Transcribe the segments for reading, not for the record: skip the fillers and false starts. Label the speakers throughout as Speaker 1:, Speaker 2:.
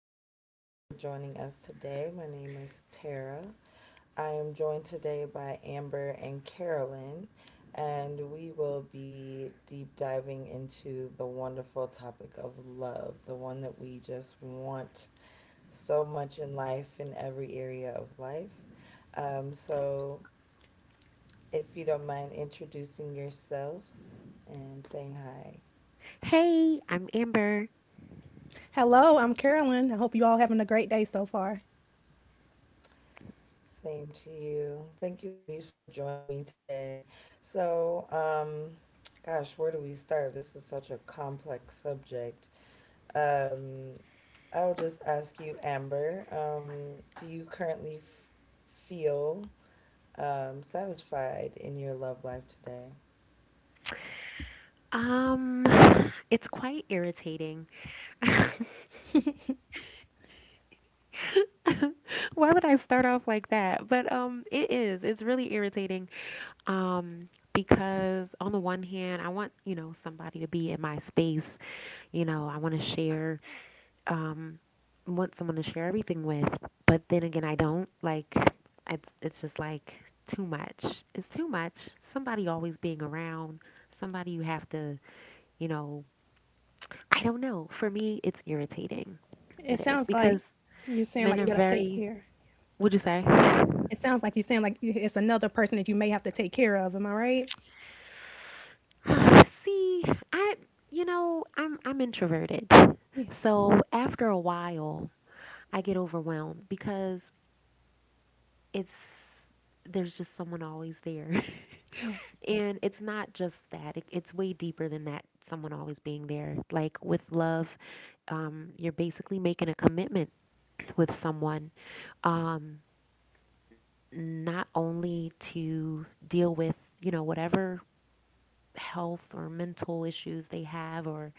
Speaker 1: everyone. Thank you for joining us today. My name is Tara. I am joined today by Amber and Carolyn, and we will be deep diving into the wonderful topic of love, the one that we just want so much in life, in every area of life. Um, so, if you don't mind introducing yourselves and saying hi.
Speaker 2: Hey, I'm Amber.
Speaker 3: Hello, I'm Carolyn. I hope you all having a great day so far.
Speaker 1: Same to you. Thank you, ladies, for joining me today. So, um, gosh, where do we start? This is such a complex subject. Um, I'll just ask you, Amber, do you currently feel satisfied in your love life today?
Speaker 2: Um, it's quite irritating. Why would I start off like that? But it is. It's really irritating. Because on the one hand, I want somebody to be in my space. You know, I want to share, um, want someone to share everything with. But then again, I don't. Like, it's just like too much. It's too much. Somebody always being around. Somebody you have to you know, I don't know. For me, it's irritating.
Speaker 3: It
Speaker 2: It is
Speaker 3: sounds like
Speaker 2: because
Speaker 3: you're saying
Speaker 2: men
Speaker 3: like you
Speaker 2: are
Speaker 3: gotta take
Speaker 2: very.
Speaker 3: care.
Speaker 2: Would you say?
Speaker 3: It sounds like you're saying like it's another person that you may have to take care of. Am I right?
Speaker 2: See, I you know I'm introverted,
Speaker 3: Yeah,
Speaker 2: so after a while I get overwhelmed because it's there's just someone always there,
Speaker 3: yeah,
Speaker 2: and it's not just that. It's way deeper than that. Someone always being there. Like with love, you're basically making a commitment with someone. Um, not only to deal with whatever health or mental issues they have or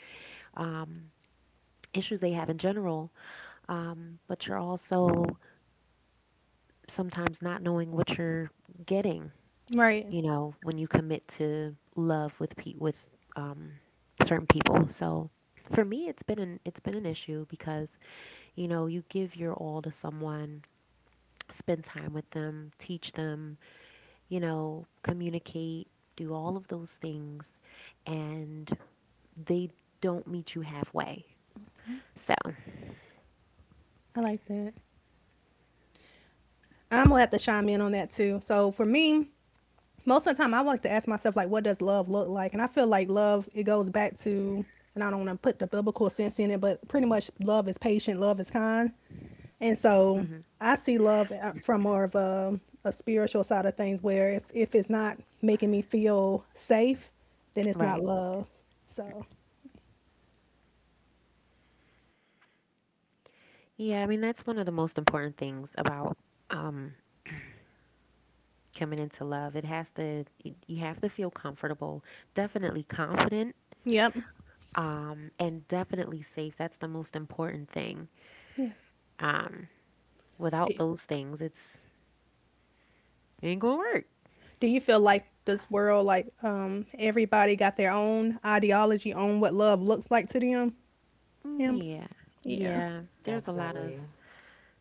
Speaker 2: um, issues they have in general, but you're also sometimes not knowing what you're getting,
Speaker 3: right.
Speaker 2: you know, when you commit to love with with um, certain people. So for me, it's been an issue because you know you give your all to someone, spend time with them, teach them, communicate, do all of those things, and they don't meet you halfway. So.
Speaker 3: I like that. I'm gonna have to chime in on that too. So for me, most of the time I like to ask myself like what does love look like? And I feel like love it goes back to, and I don't want to put the biblical sense in it, but pretty much love is patient, love is kind. And
Speaker 2: Hmm.
Speaker 3: so I see love from more of a spiritual side of things where if it's not making me feel safe, then it's not
Speaker 2: Right.
Speaker 3: love. So,
Speaker 2: Yeah, I mean, that's one of the most important things about um, coming into love. It has to, y- You have to feel comfortable, definitely confident,
Speaker 3: yep.
Speaker 2: and definitely safe. That's the most important thing.
Speaker 3: Yeah.
Speaker 2: Um, without
Speaker 3: Do,
Speaker 2: those things, it ain't gonna work.
Speaker 3: do you feel like this world, like everybody got their own ideology on what love looks like to them, Amber?
Speaker 2: Yeah,
Speaker 3: Yeah.
Speaker 2: yeah. There's a lot
Speaker 1: Definitely.
Speaker 2: of,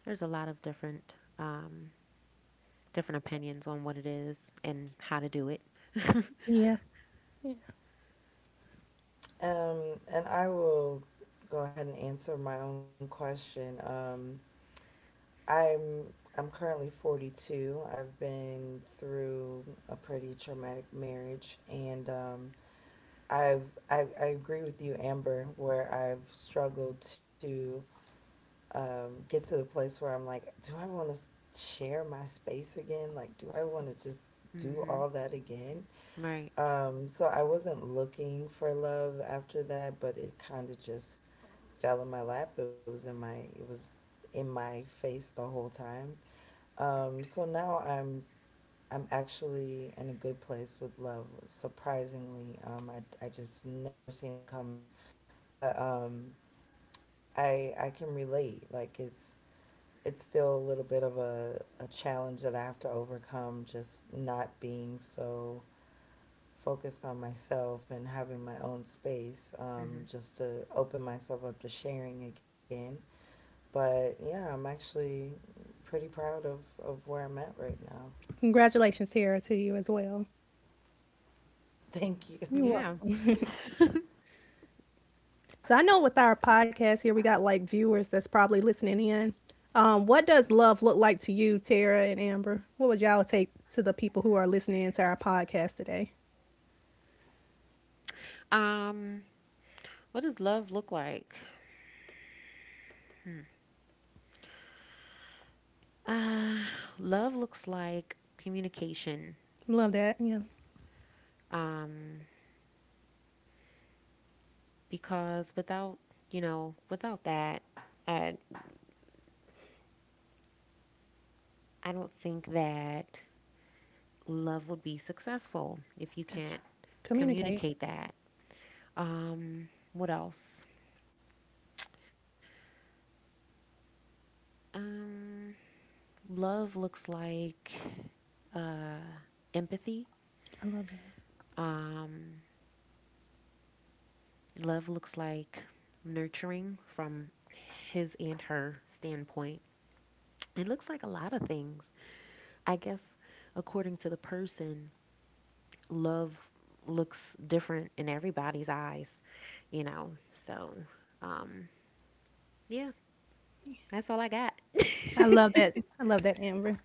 Speaker 2: there's a lot of um, different opinions on what it is and how to do it.
Speaker 3: Yeah.
Speaker 1: And I will go ahead and answer my own question. Um, I'm I'm currently 42. I've been through a pretty traumatic marriage, and um I've I, I agree with you, Amber, where I've struggled to get to the place where I'm like, do I want to share my space again? Like, do I want to just do all
Speaker 2: Hmm.
Speaker 1: that again?
Speaker 2: Right.
Speaker 1: Um, so I wasn't looking for love after that, but it kind of just fell in my lap. It was in my face the whole time, so now I'm actually in a good place with love. Surprisingly, I just never seen it coming, but I can relate. Like, it's still a little bit of a challenge that I have to overcome. Just not being so focused on myself and having my own space,
Speaker 2: Hmm.
Speaker 1: just to open myself up to sharing again. But yeah, I'm actually pretty proud of where I'm at right now.
Speaker 3: Congratulations, Tara, to you as well.
Speaker 1: Thank you.
Speaker 3: You're
Speaker 2: Yeah.
Speaker 3: welcome. So I know with our podcast here, we got like viewers that's probably listening in. What does love look like to you, Tara and Amber? What would y'all take to the people who are listening to our podcast today?
Speaker 2: Um, what does love look like? Hmm. Uh, love looks like communication.
Speaker 3: Love that. Yeah.
Speaker 2: Um, because without, you know, without that, I, I don't think that love would be successful if you
Speaker 3: That's-
Speaker 2: can't
Speaker 3: Communicate.
Speaker 2: communicate that. What else? Um, love looks like uh, empathy.
Speaker 3: I love that.
Speaker 2: Um, love looks like nurturing from his and her standpoint. It looks like a lot of things. I guess, according to the person, love looks different in everybody's eyes, you know? So, um, yeah, that's all I got.
Speaker 3: I love that. I love that, Amber.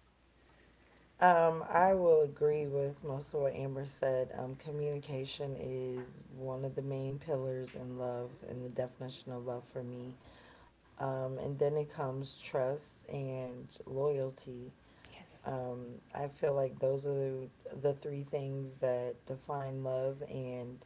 Speaker 1: I will agree with most of what Amber said. Communication is one of the main pillars in love and the definition of love for me. And then it comes trust and loyalty.
Speaker 3: Yes.
Speaker 1: I feel like those are the three things that define love and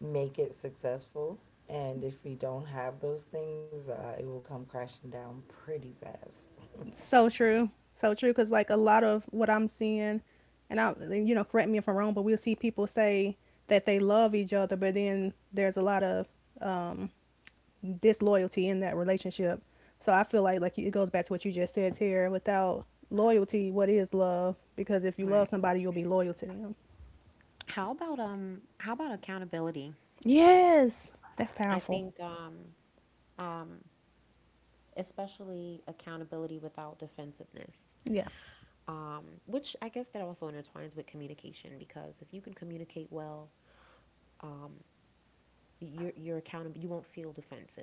Speaker 1: make it successful. And if we don't have those things, it will come crashing down pretty fast.
Speaker 3: So true. So true. Because like a lot of what I'm seeing, and I, you know, correct me if I'm wrong, but we'll see people say that they love each other, but then there's a lot of disloyalty in that relationship. So I feel like it goes back to what you just said, Tara. Without loyalty, what is love? Because if you
Speaker 2: Right.
Speaker 3: love somebody, you'll be loyal to them.
Speaker 2: How about accountability?
Speaker 3: Yes, that's
Speaker 2: I
Speaker 3: powerful.
Speaker 2: think um especially accountability without defensiveness.
Speaker 3: Yeah,
Speaker 2: Which, I guess, that also intertwines with communication, because if you can communicate well, um, you're accountable. You won't feel defensive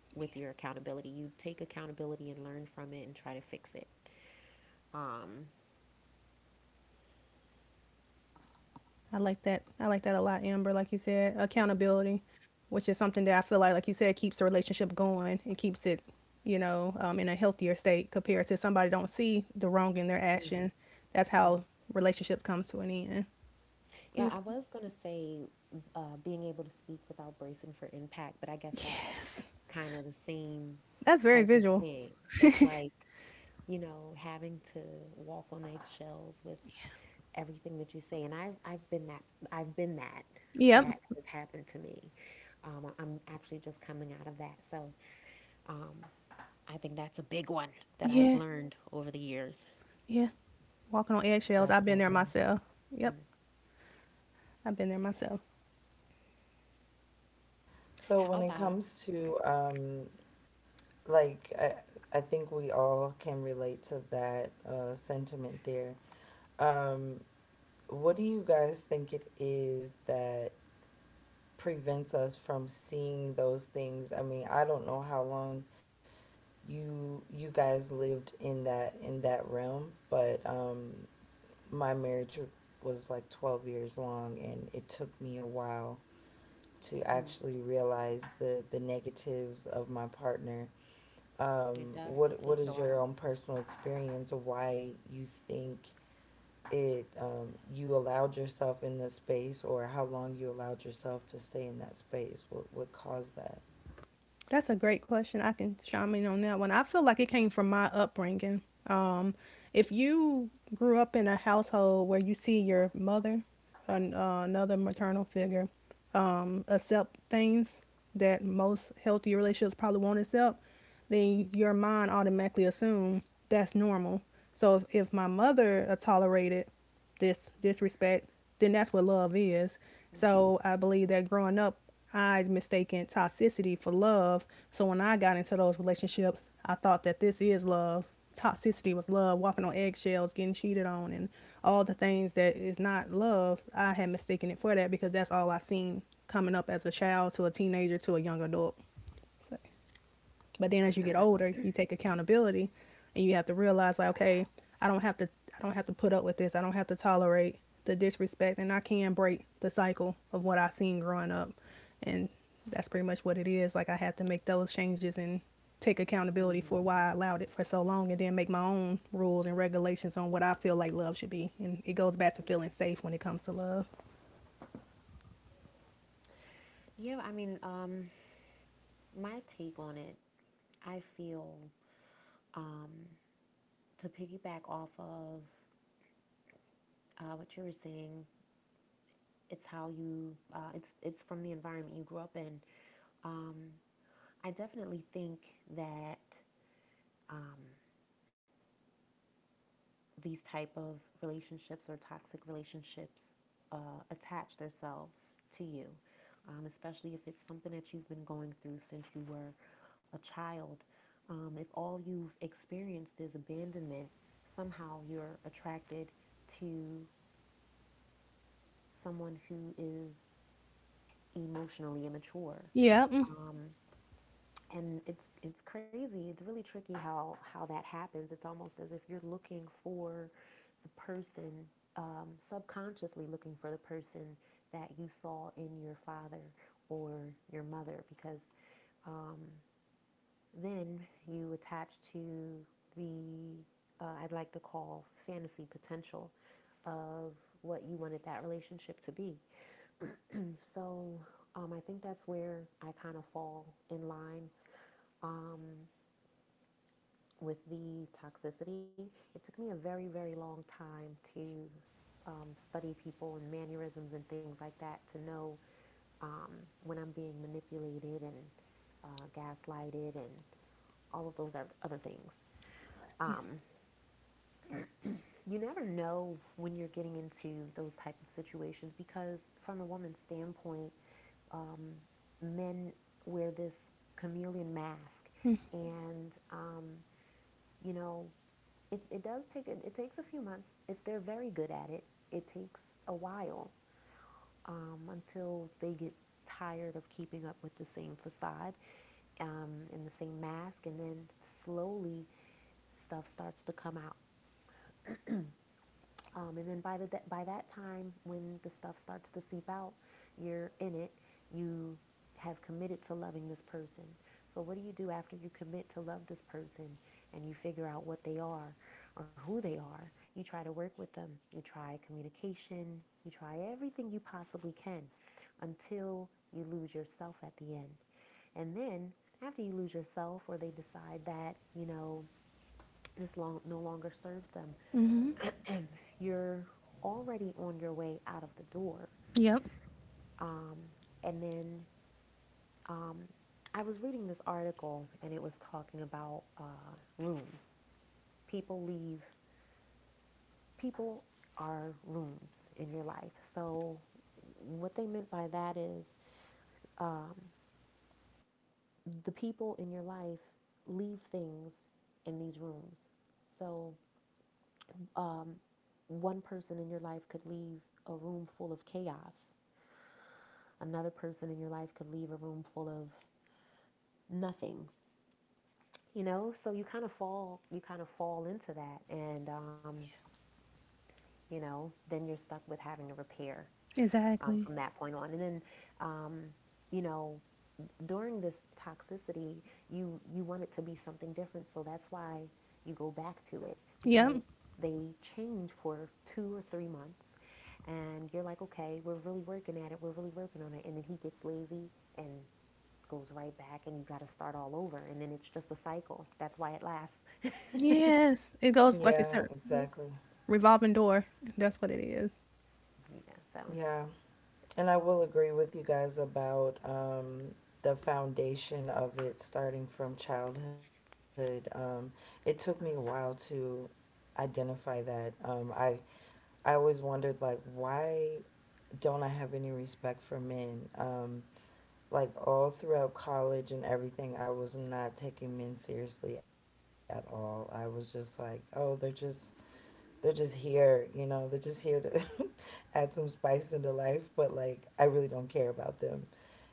Speaker 2: with your accountability. You take accountability and learn from it and try to fix it. Um,
Speaker 3: I like that. I like that a lot, Amber. Like you said, accountability, which is something that I feel like you said, keeps the relationship going and keeps it, you know, in a healthier state compared to somebody don't see the wrong in their
Speaker 2: mhm,
Speaker 3: action. That's
Speaker 2: mhm.
Speaker 3: how relationship comes to an end.
Speaker 2: Yeah, I was
Speaker 3: Beautiful.
Speaker 2: gonna say being able to speak without bracing for impact, but I guess that's
Speaker 3: Yes,
Speaker 2: kind of the same
Speaker 3: that's
Speaker 2: type
Speaker 3: very
Speaker 2: of
Speaker 3: visual.
Speaker 2: thing. That's like having to walk on eggshells with everything that you say, and I've been that that
Speaker 3: Yep.
Speaker 2: has happened to me. I'm actually just coming out of that. So um, I think that's a big one that I've
Speaker 3: Yeah,
Speaker 2: learned over the years.
Speaker 3: yeah. Walking on eggshells. I've been there
Speaker 1: Definitely.
Speaker 3: myself.
Speaker 2: Mm.
Speaker 3: Yep, I've been there myself.
Speaker 1: So
Speaker 2: How
Speaker 1: when it
Speaker 2: about
Speaker 1: comes
Speaker 2: mm,
Speaker 1: to like I think we all can relate to that sentiment there. Um, what do you guys think it is that prevents us from seeing those things? I mean, I don't know how long you guys lived in that realm, but my marriage was like 12 years long, and it took me a while to
Speaker 2: mm,
Speaker 1: actually realize the negatives of my partner,
Speaker 2: it does, it takes a
Speaker 1: what is
Speaker 2: while.
Speaker 1: your own personal experience of why you think it you allowed yourself in this space, or how long you allowed yourself to stay in that space? What caused that?
Speaker 3: That's a great question. I can chime in on that one. I feel like it came from my upbringing. Um, if you grew up in a household where you see your mother, another maternal figure, accept things that most healthy relationships probably won't accept, then your mind automatically assume that's normal. So if my mother tolerated this disrespect, then that's what love is. So I believe that growing up, I mistaken toxicity for love. So when I got into those relationships, I thought that this is love. Toxicity was love, walking on eggshells, getting cheated on, and all the things that is not love. I had mistaken it for that because that's all I seen coming up as a child to a teenager to a young adult. So. But then as you get older, you take accountability and you have to realize like, okay, I don't have to I don't have to put up with this. I don't have to tolerate the disrespect, and I can break the cycle of what I seen growing up. And that's pretty much what it is. Like I had to make those changes and take
Speaker 2: Mm-hmm.
Speaker 3: accountability for why I allowed it for so long and then make my own rules and regulations on what I feel like love should be. And it goes back to feeling safe when it comes to love.
Speaker 2: Yeah, I mean, my take on it, I feel, um, to piggyback off of what you were saying, it's how you, it's from the environment you grew up in. Um, I definitely think that um, these type of relationships or toxic relationships attach themselves to you, especially if it's something that you've been going through since you were a child. If all you've experienced is abandonment, somehow you're attracted to someone who is emotionally immature,
Speaker 3: Yep.
Speaker 2: and it's crazy. It's really tricky how that happens. It's almost as if you're looking for the person, subconsciously looking for the person that you saw in your father or your mother, because then you attach to the I'd like to call fantasy potential of what you wanted that relationship to be. So, I think that's where I kind of fall in line, um, with the toxicity. It took me a very, very long time to study people and mannerisms and things like that, to know um, when I'm being manipulated and gaslighted and all of those other things. Um,
Speaker 3: Yeah.
Speaker 2: you never know when you're getting into those type of situations because, from a woman's standpoint, men wear this chameleon mask, and you know, it takes a few months. If they're very good at it, it takes a while, until they get tired of keeping up with the same facade, and the same mask, and then slowly stuff starts to come out. And then by that time, when the stuff starts to seep out, you're in it. You have committed to loving this person. So what do you do after you commit to love this person and you figure out what they are, or who they are? You try to work with them. You try communication. You try everything you possibly can until you lose yourself at the end. And then after you lose yourself, or they decide that, you know, no longer serves them,
Speaker 3: Mm-hmm.
Speaker 2: you're already on your way out of the door.
Speaker 3: Yep.
Speaker 2: Um, and then um, I was reading this article and it was talking about rooms. People leave, people are rooms in your life. So, what they meant by that is, um, the people in your life leave things in these rooms. So, one person in your life could leave a room full of chaos, another person in your life could leave a room full of nothing. You know, so you kind of fall into that, and you know, then you're stuck with having to repair, from that
Speaker 3: Exactly.
Speaker 2: point on, and then um, you know, during this toxicity you want it to be something different, so that's why you go back to it, because
Speaker 3: Yep.
Speaker 2: they change for 2 or 3 months and you're like, okay, we're really working at it, we're really working on it, and then he gets lazy and goes right back, and you got to start all over, and then it's just a cycle. That's why it lasts.
Speaker 3: Yes, it goes like it's
Speaker 1: Yeah,
Speaker 3: a, yeah,
Speaker 1: exactly.
Speaker 3: revolving door. That's what it is.
Speaker 2: Yeah, so.
Speaker 1: Yeah, and I will agree with you guys about the foundation of it starting from childhood. Um, it took me a while to identify that. Um, I always wondered, like, why don't I have any respect for men? Like, all throughout college and everything, I was not taking men seriously at all. I was just like, oh, they're just here, you know, they're just here to add some spice into life, but like, I really don't care about them.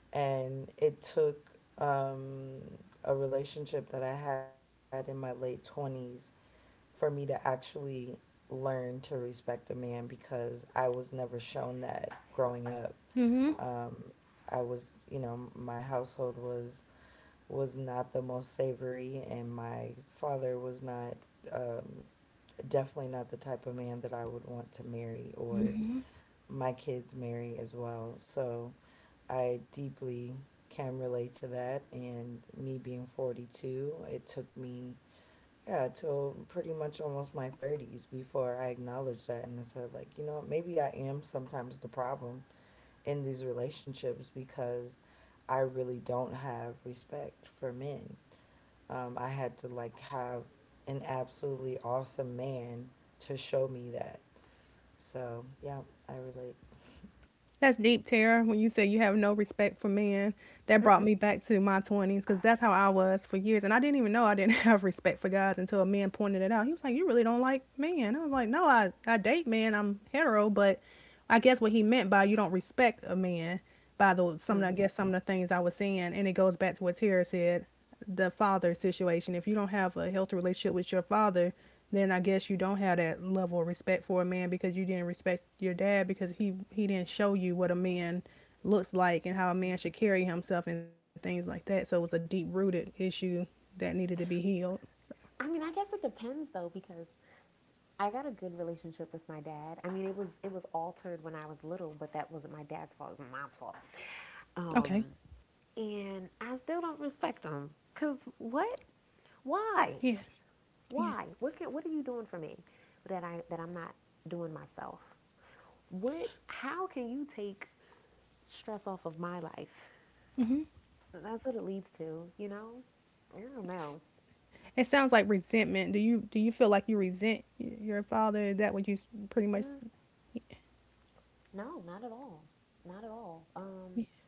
Speaker 1: And it took um, a relationship that I had in my late 20s for me to actually learn to respect a man because I was never shown that growing up.
Speaker 3: Mm-hmm.
Speaker 1: Um, I was, you know, my household was not the most savory, and my father was not um, definitely not the type of man that I would want to marry or my kids marry as well. So I deeply can relate to that. And me being 42, it took me, yeah, till pretty much almost my 30s before I acknowledged that. And I said, like, you know what, maybe I am sometimes the problem in these relationships because I really don't have respect for men. I had to like have an absolutely awesome man to show me that. So yeah, I relate.
Speaker 3: That's deep, Tara. When you say you have no respect for men, that brought me back to my twenties because that's how I was for years, and I didn't even know I didn't have respect for guys until a man pointed it out. He was like, "You really don't like men." I was like, "No, I date men. I'm hetero, but I guess what he meant by you don't respect a man by the some I
Speaker 2: Mm-mm-mm.
Speaker 3: guess some of the things I was saying, and it goes back to what Tara said. The father situation. If you don't have a healthy relationship with your father, then I guess you don't have that level of respect for a man because you didn't respect your dad because he didn't show you what a man looks like and how a man should carry himself and things like that. So it was a deep rooted issue that needed to be healed. So,
Speaker 2: I mean, I guess it depends though, because I got a good relationship with my dad. I mean, it was altered when I was little, but that wasn't my dad's fault. It was my fault.
Speaker 3: okay.
Speaker 2: Um, and I still don't respect him, because what?
Speaker 3: Yeah.
Speaker 2: Why?
Speaker 3: Yeah.
Speaker 2: Why? What are you doing for me that I'm not doing myself? What? How can you take stress off of my life?
Speaker 3: Mm-hmm.
Speaker 2: That's what it leads to, you know. I don't know.
Speaker 3: It sounds like resentment. Do you feel like you resent your father? Is that what you pretty much?
Speaker 2: Mm, no, not at all. Not at all.
Speaker 3: Yeah.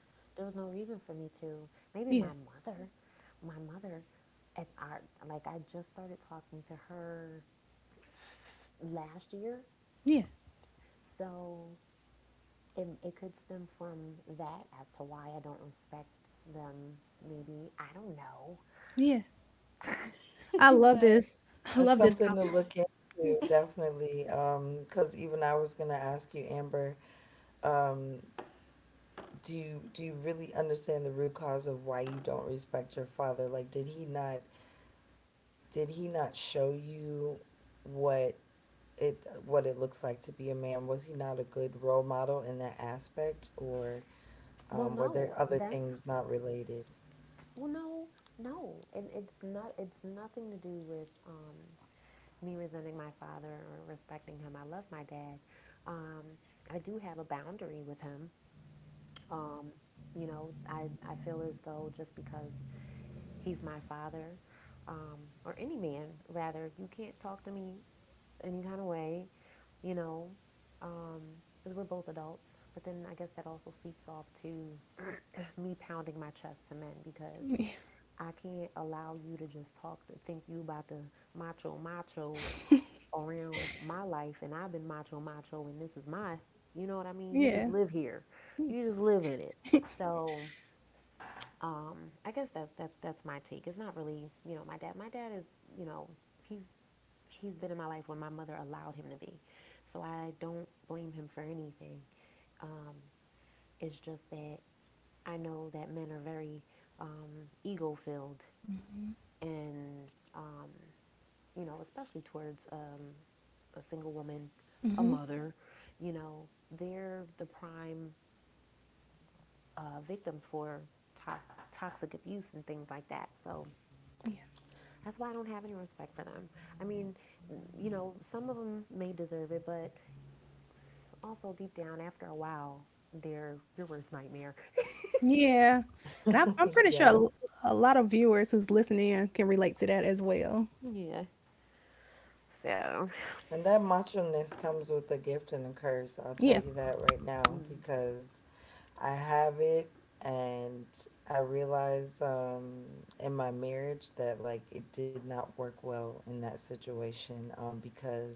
Speaker 2: There was no reason for me to. Maybe
Speaker 3: Yeah.
Speaker 2: my mother, at our like I just started talking to her last year,
Speaker 3: Yeah.
Speaker 2: so it could stem from that as to why I don't respect them. Maybe, I don't know.
Speaker 3: Yeah. I love
Speaker 2: but.
Speaker 3: this. I
Speaker 1: That's
Speaker 3: love this
Speaker 1: something to
Speaker 3: topic.
Speaker 1: look
Speaker 3: Yeah.
Speaker 1: into, definitely. 'Cause even I was gonna ask you, Amber, um, do you really understand the root cause of why you don't respect your father? Like, did he not show you what what it looks like to be a man? Was he not a good role model in that aspect, or
Speaker 2: Well,
Speaker 1: were there
Speaker 2: no,
Speaker 1: other
Speaker 2: that's
Speaker 1: things not related?
Speaker 2: well, no, no. It's not. It's nothing to do with me resenting my father or respecting him. I love my dad. Um, I do have a boundary with him. Um, you know, I feel as though, just because he's my father, um, or any man rather, you can't talk to me any kind of way, you know, um, because we're both adults. But then I guess that also seeps off to me pounding my chest to men, because I can't allow you to just talk to think you about the macho macho around my life, and I've been macho macho, and this is my, you know what I mean? You
Speaker 3: Yeah.
Speaker 2: just live here. You just live in it. So um, I guess that's my take. It's not really, you know, my dad. My dad is, you know, he's he's been in my life when my mother allowed him to be. So I don't blame him for anything. Um, it's just that I know that men are very ego filled, and um, you know, especially towards a single woman,
Speaker 3: Hmm.
Speaker 2: a mother. You know, they're the prime victims for toxic abuse and things like that. So
Speaker 3: Yeah.
Speaker 2: that's why I don't have any respect for them. I mean, you know, some of them may deserve it, but also deep down, after a while, they're your worst nightmare.
Speaker 3: Yeah. And I'm pretty sure
Speaker 1: Yeah.
Speaker 3: a lot of viewers who's listening in can relate to that as well.
Speaker 2: So,
Speaker 1: And that macho-ness comes with a gift and a curse. I'll tell
Speaker 3: Yeah.
Speaker 1: you that right now
Speaker 2: mm,
Speaker 1: because I have it, and I realized in my marriage that like, it did not work well in that situation because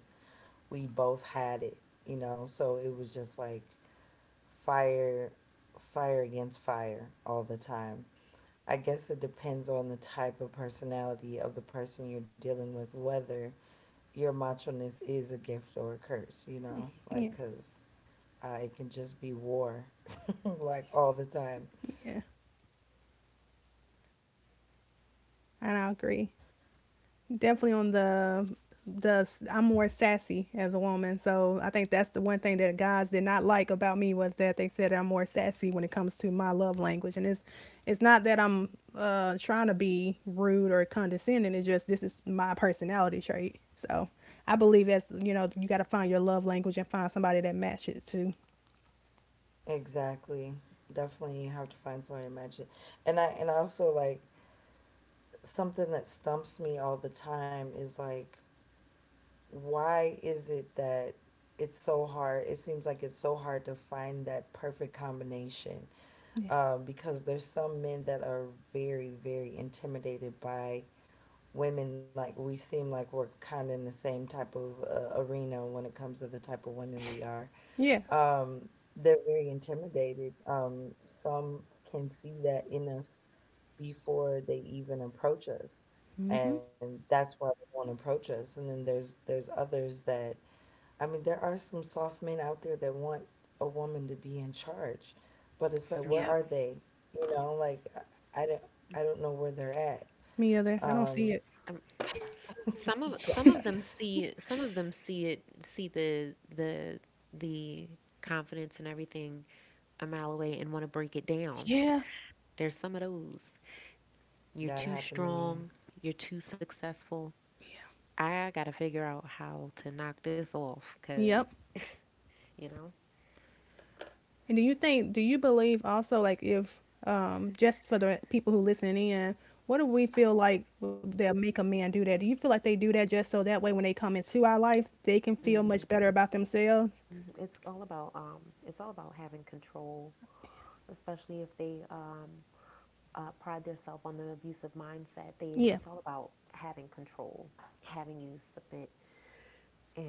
Speaker 1: we both had it, you know? So it was just like fire fire against fire all the time. I guess it depends on the type of personality of the person you're dealing with, whether your macho-ness is a gift or a curse, you know?
Speaker 3: Yeah.
Speaker 1: Like, because it can just be war, like, all the time.
Speaker 3: Yeah. And I agree. Definitely on the I'm more sassy as a woman. So I think that's the one thing that guys did not like about me was that they said I'm more sassy when it comes to my love language. And it's not that I'm trying to be rude or condescending. It's just this is my personality trait. So I believe that's, you know, you got to find your love language and find somebody that matches it too.
Speaker 1: Exactly. Definitely you have to find someone to match it. And I also, like, something that stumps me all the time is, like, why is it that it seems like it's so hard to find that perfect combination
Speaker 3: Yeah.
Speaker 1: because there's some men that are very intimidated by women, like we seem like we're kind of in the same type of arena when it comes to the type of women we are
Speaker 3: Yeah.
Speaker 1: um, they're very intimidated. Um, some can see that in us before they even approach us,
Speaker 3: Mhm.
Speaker 1: and that's why they won't approach us. And then there's others that, I mean, there are some soft men out there that want a woman to be in charge, but it's like, where are
Speaker 2: yeah.
Speaker 1: they? You know, like, I I don't I don't know where they're at.
Speaker 3: Me other. I don't
Speaker 1: Um,
Speaker 3: see it.
Speaker 2: Um, some of
Speaker 1: yeah,
Speaker 2: some of them see some of them see it see the confidence and everything a mile away, and want to break it down.
Speaker 3: Yeah.
Speaker 2: There's some of those.
Speaker 1: that
Speaker 2: You're
Speaker 1: happened
Speaker 2: too
Speaker 1: to me.
Speaker 2: strong. You're too successful. I gotta figure out how to knock this off, cause
Speaker 3: Yep.
Speaker 2: you
Speaker 3: And do you think, do you believe also, like, if just for the people who listening in, what do we feel like they'll make a man do that? Do you feel like they do that just so that way when they come into our life, they can feel much
Speaker 2: know.
Speaker 3: better about themselves?
Speaker 2: Mhm. It's all about having control, especially if they pride themselves on the abusive mindset.
Speaker 3: Yeah,
Speaker 2: They it's all about having control, having you submit,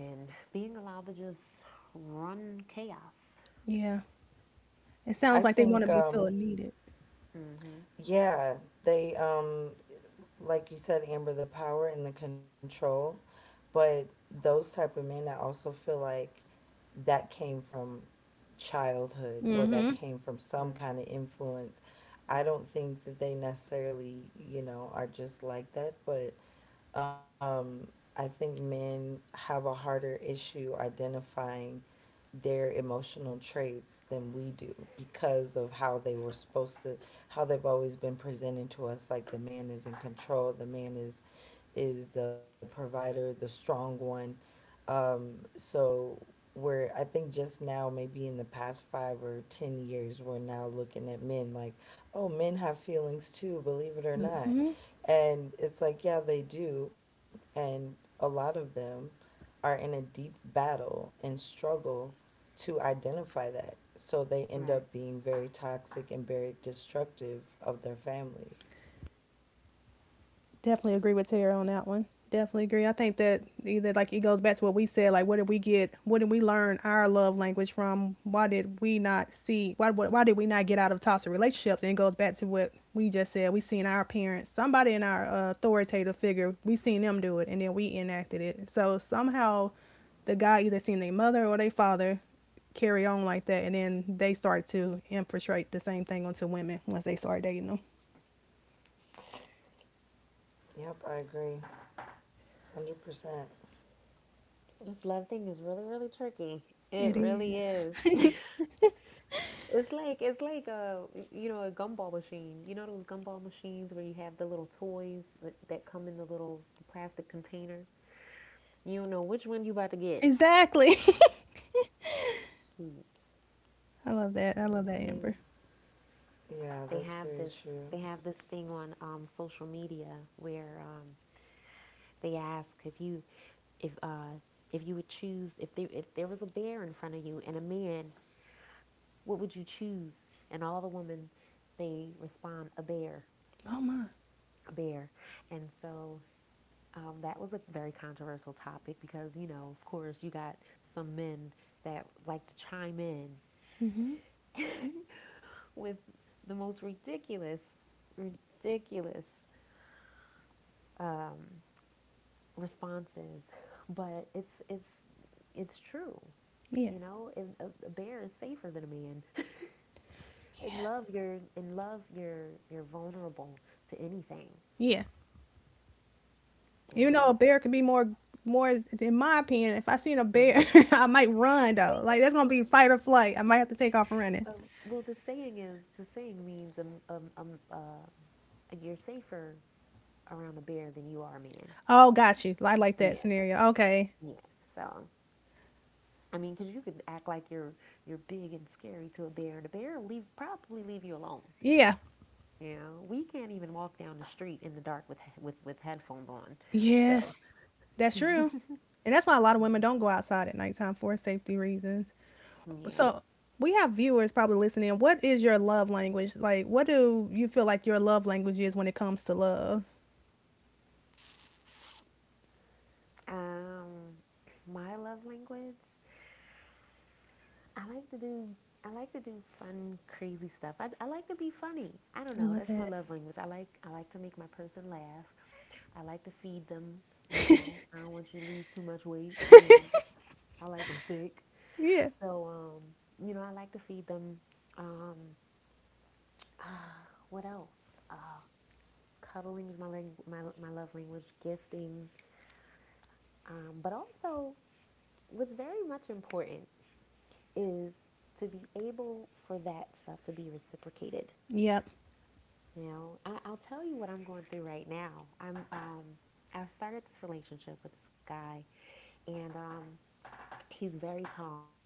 Speaker 2: and being allowed to just run chaos.
Speaker 3: yeah. It
Speaker 1: I
Speaker 3: sounds like they
Speaker 1: think,
Speaker 3: want to be feeling needed.
Speaker 2: Mm-hmm.
Speaker 1: yeah, they like you said, Amber, the power and the control, but those type of men, I also feel like that came from childhood, or that
Speaker 3: Mm-hmm.
Speaker 1: came from some kind of influence. I don't
Speaker 2: Mm-hmm.
Speaker 1: think that they necessarily, you know, are just like that, but um, I think men have a harder issue identifying their emotional traits than we do because of how they were supposed to how they've always been presented to us, like the man is in control, the man is the provider, the strong one. So we're, I think just now, maybe in the past 5 or 10 years, we're now looking at men like, oh, men have feelings too, believe it or
Speaker 2: Hmm.
Speaker 1: not. And it's like, yeah, they do. And a lot of them are in a deep battle and struggle to identify that. So they end up
Speaker 2: Right.
Speaker 1: being very toxic and very destructive of their families.
Speaker 3: Definitely agree with Tara on that one. Definitely agree. I think that either like it goes back to what we said, like what did we get? What did we learn our love language from? Why did we not see? Why, did we not get out of toxic relationships? And it goes back to what we just said. We seen our parents, somebody in our authoritative figure, we seen them do it, and then we enacted it. So somehow, the guy either seen their mother or their father carry on like that, and then they start to infiltrate the same thing onto women once they start dating them.
Speaker 1: Yep, I agree. 100%.
Speaker 2: This love thing is really, really tricky.
Speaker 3: It
Speaker 2: It really is.
Speaker 3: is.
Speaker 2: It's like a you know a gumball machine. You know those gumball machines where you have the little toys that come in the little plastic container. You don't know which one you about to get.
Speaker 3: Exactly.
Speaker 2: You
Speaker 3: I love that. I love
Speaker 2: know,
Speaker 3: that, Amber.
Speaker 2: they
Speaker 1: Yeah, that's
Speaker 2: have
Speaker 1: very
Speaker 2: this
Speaker 1: true.
Speaker 2: thing on social media where they ask if you if uh, if you would choose if there was a bear in front of you and a man, what would you choose? And all the women they respond a bear,
Speaker 3: Oh my.
Speaker 2: a bear. And so that was a very controversial topic because you know of course you got some men that like to chime in
Speaker 3: Hmm.
Speaker 2: with the most ridiculous, ridiculous um, responses, but it's true.
Speaker 3: Yeah.
Speaker 2: You know, a bear is safer than a man. In love you're in love, you're vulnerable to anything.
Speaker 3: Yeah.
Speaker 2: You
Speaker 3: Even though a
Speaker 2: know.
Speaker 3: bear could be more, more in my opinion, if I seen a
Speaker 2: Mm.
Speaker 3: bear, I might run though. Like that's gonna be fight or flight. I might have to take off running.
Speaker 2: Um, well, the saying is the saying means you're safer around a bear than you are a man.
Speaker 3: Oh, got you. I like that
Speaker 2: Yeah,
Speaker 3: scenario. Okay.
Speaker 2: yeah. So I mean, because you could act like you're big and scary to a bear, and a bear will leave probably leave you alone.
Speaker 3: Yeah.
Speaker 2: You know, we can't even walk down the street in the dark with headphones on.
Speaker 3: Yes.
Speaker 2: So,
Speaker 3: That's true. And that's why a lot of women
Speaker 2: mm,
Speaker 3: don't go outside at nighttime for safety reasons.
Speaker 2: yeah.
Speaker 3: So we have viewers probably listening. What is your love language? Like, what do you feel like your love language is when it comes to love?
Speaker 2: Um, my love language. I like to do. I like to do fun, crazy stuff. I like to be funny. I
Speaker 3: I
Speaker 2: don't
Speaker 3: love
Speaker 2: know. That's
Speaker 3: that.
Speaker 2: my love language. I like to make my person laugh. I like to feed them. You know, I don't want you to lose too much weight. You know, I like them thick.
Speaker 3: Yeah.
Speaker 2: So, you know, I like to feed them. Um, uh, what else? Uh, cuddling is my love language, gifting. But also, what's very much important is to be able for that stuff to be reciprocated.
Speaker 3: Yep.
Speaker 2: You know, I'll tell you what I'm going through right now. I'm, um, I started this relationship with this guy, and he's very calm.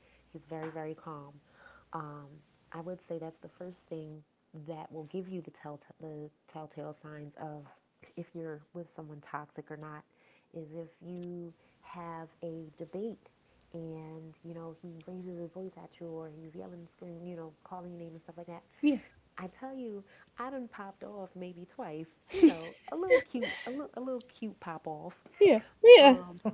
Speaker 2: He's very, very calm. um, I would say that's the first thing that will give you the telltale signs of if you're with someone toxic or not is if you have a debate, and you know he raises his voice at you, or he's yelling, screaming, you know, calling your name and stuff like that.
Speaker 3: Yeah.
Speaker 2: I tell you, I done popped off maybe twice, you know, a little cute, a little cute pop off.
Speaker 3: Yeah. Yeah.
Speaker 2: um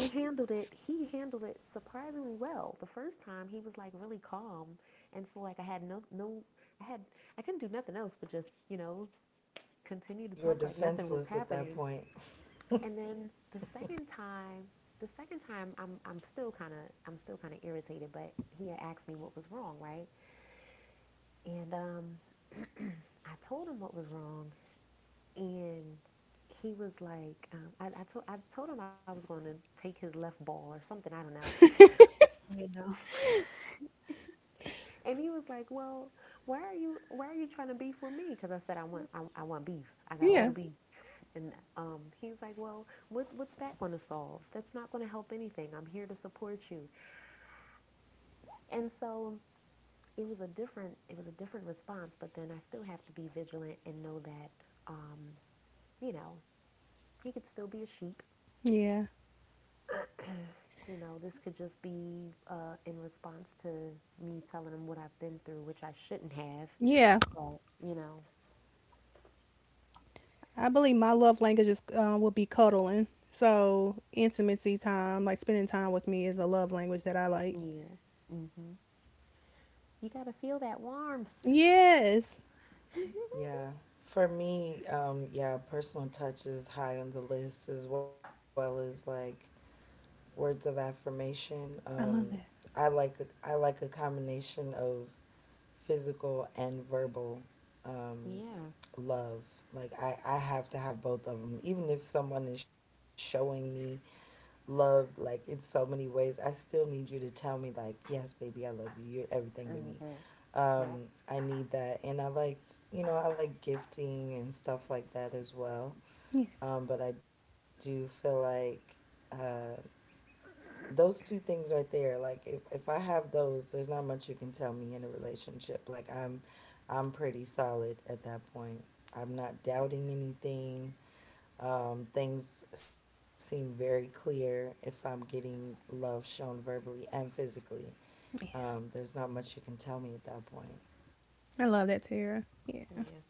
Speaker 2: and he handled it, surprisingly well. The first time he was like really calm, and so like I had no, I had, I couldn't do nothing else but just, you know,
Speaker 1: You
Speaker 2: continue to
Speaker 1: were
Speaker 2: talk like nothing
Speaker 1: defenseless
Speaker 2: was
Speaker 1: at that
Speaker 2: happening.
Speaker 1: point.
Speaker 2: And then the second time, I'm, still kind of, I'm still kind of irritated, but he had asked me what was wrong, right? And I told him what was wrong. And he was like, I told him I was going to take his left ball or something, I don't know. And he was like, "Well, why are you trying to beef with me?" Because I said I want, I want beef. I got
Speaker 3: Yeah.
Speaker 2: all the beef. And he's like, "Well, what's that going to solve? That's not going to help anything. I'm here to support you." And so it was a different, response. But then I still have to be vigilant and know that, um, you know, he could still be a sheep.
Speaker 3: Yeah.
Speaker 2: You know, this could just be in response to me telling him what I've been through, which I shouldn't have.
Speaker 3: Yeah.
Speaker 2: But you know,
Speaker 3: I believe my love language is will be cuddling. So intimacy time, like spending time with me, is a love language that I like.
Speaker 2: yeah. Hmm. You got to feel that warmth.
Speaker 3: Yes.
Speaker 1: Yeah. For me, yeah, personal touch is high on the list, as well as like, words of affirmation.
Speaker 3: I love that.
Speaker 1: I like a combination of physical and verbal um,
Speaker 2: Yeah.
Speaker 1: love. Like, I have to have both of them. Even if someone is showing me love, like, in so many ways, I still need you to tell me, like, yes, baby, I love you. You're everything to me.
Speaker 2: Hmm. Yeah.
Speaker 1: I need that. And I liked, you know, I like gifting and stuff like that as well.
Speaker 3: Yeah.
Speaker 1: But I do feel like uh, those two things right there, like, if I have those, there's not much you can tell me in a relationship. Like, I'm pretty solid at that point. I'm not doubting anything. Things seem very clear if I'm getting love shown verbally and physically.
Speaker 3: Yeah.
Speaker 1: There's not much you can tell me at that point.
Speaker 3: I love that, Tara. Yeah.
Speaker 2: Yeah.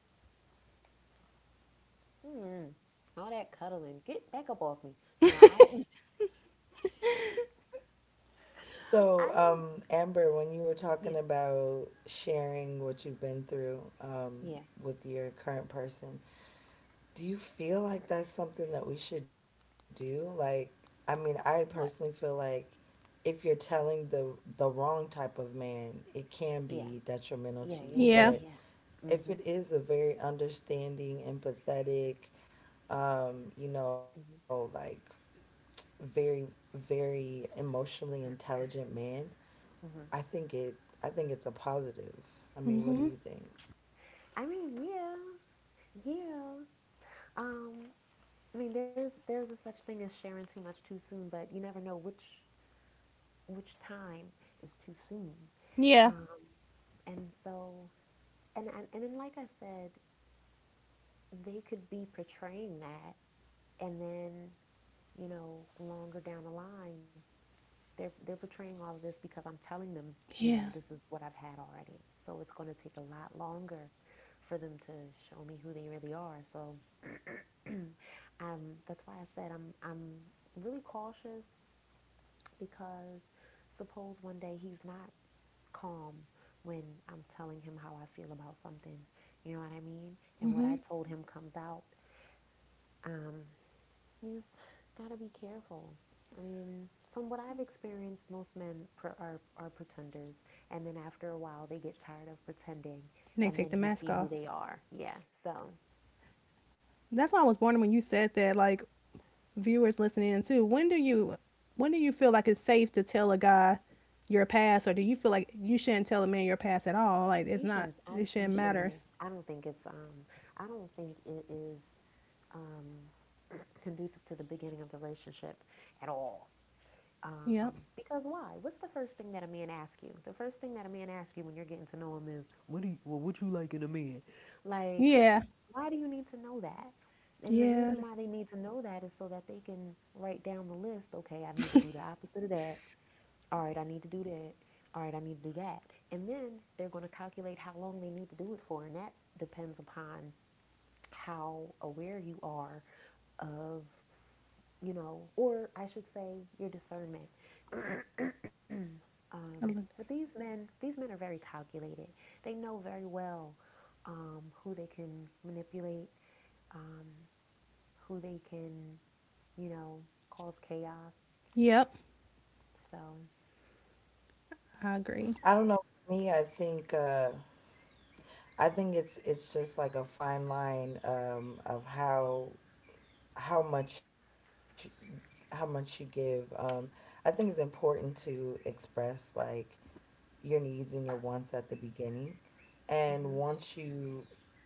Speaker 2: Mm. All that cuddling. Get back up off me. No, I I
Speaker 1: So,
Speaker 2: am,
Speaker 1: Amber, when you were
Speaker 2: yeah.
Speaker 1: talking about sharing what you've been through
Speaker 2: Yeah.
Speaker 1: with your current person, do you feel like that's something that we should do? Like, I mean, I personally feel
Speaker 2: What?
Speaker 1: like if you're telling the wrong type of man, it can
Speaker 2: Yeah.
Speaker 1: be detrimental
Speaker 2: Yeah,
Speaker 1: to
Speaker 2: yeah,
Speaker 1: you.
Speaker 2: yeah,
Speaker 3: Yeah.
Speaker 1: But
Speaker 2: yeah.
Speaker 1: if
Speaker 2: Hmm.
Speaker 1: it is a very understanding, empathetic, you know, like, very, very emotionally intelligent
Speaker 2: Mhm.
Speaker 1: man, I
Speaker 2: Hmm.
Speaker 1: think it I think it's a positive. I mean, what do
Speaker 3: Mhm.
Speaker 1: you think?
Speaker 2: I mean, yeah, yeah. Um, I mean, there's a such thing as sharing too much too soon, but you never know which time is too soon.
Speaker 3: Yeah.
Speaker 2: Um, and so, and then, like I said, they could be portraying that, and then you know longer down the line they're portraying all of this because I'm telling them, you know,
Speaker 3: Yeah.
Speaker 2: this is what I've had already, so it's going to take a lot longer for them to show me who they really are. So that's why I said I'm, really cautious because suppose one day he's not calm when I'm telling him how I feel about something, you know what I mean, and what I
Speaker 3: Mhm. And
Speaker 2: told him comes out. um You just gotta be careful. I mean, from what I've experienced, most men pr are, pretenders, and then after a while, they get tired of pretending, and then
Speaker 3: they
Speaker 2: you
Speaker 3: take
Speaker 2: see
Speaker 3: the
Speaker 2: who they
Speaker 3: mask off.
Speaker 2: are. Yeah, so
Speaker 3: That's why I was wondering when you said that. Like, viewers listening in too. When do you feel like it's safe to tell a guy your past, or do you feel like you shouldn't tell a man your past at all? Like it's
Speaker 2: you
Speaker 3: not
Speaker 2: shouldn't. I
Speaker 3: it shouldn't
Speaker 2: You
Speaker 3: matter.
Speaker 2: shouldn't. I don't think it's. I don't think it is. Um, conducive to the beginning of the relationship at all.
Speaker 3: Yep.
Speaker 2: Because why? What's the first thing that a man asks you? The first thing that a man asks you when you're getting to know him is, "What do you? Well, what you like in a man?" Like,
Speaker 3: Yeah.
Speaker 2: why do you need to know that? And the reason
Speaker 3: Yeah.
Speaker 2: why they need to know that is so that they can write down the list. Okay, I need to do the opposite of that. All right, I need to do that. All right, I need to do that. And then they're going to calculate how long they need to do it for, and that depends upon how aware you are of, you know, or I should say your discernment.
Speaker 3: I like
Speaker 2: But
Speaker 3: that.
Speaker 2: these men, are very calculated. They know very well who they can manipulate, um, who they can, you know, cause chaos.
Speaker 3: Yep.
Speaker 2: So,
Speaker 3: I agree.
Speaker 1: I don't know. For me, I think uh, it's just like a fine line of how how much how much you give. Um, I think it's important to express like, your needs and your wants at the beginning.
Speaker 2: hmm,
Speaker 1: And once you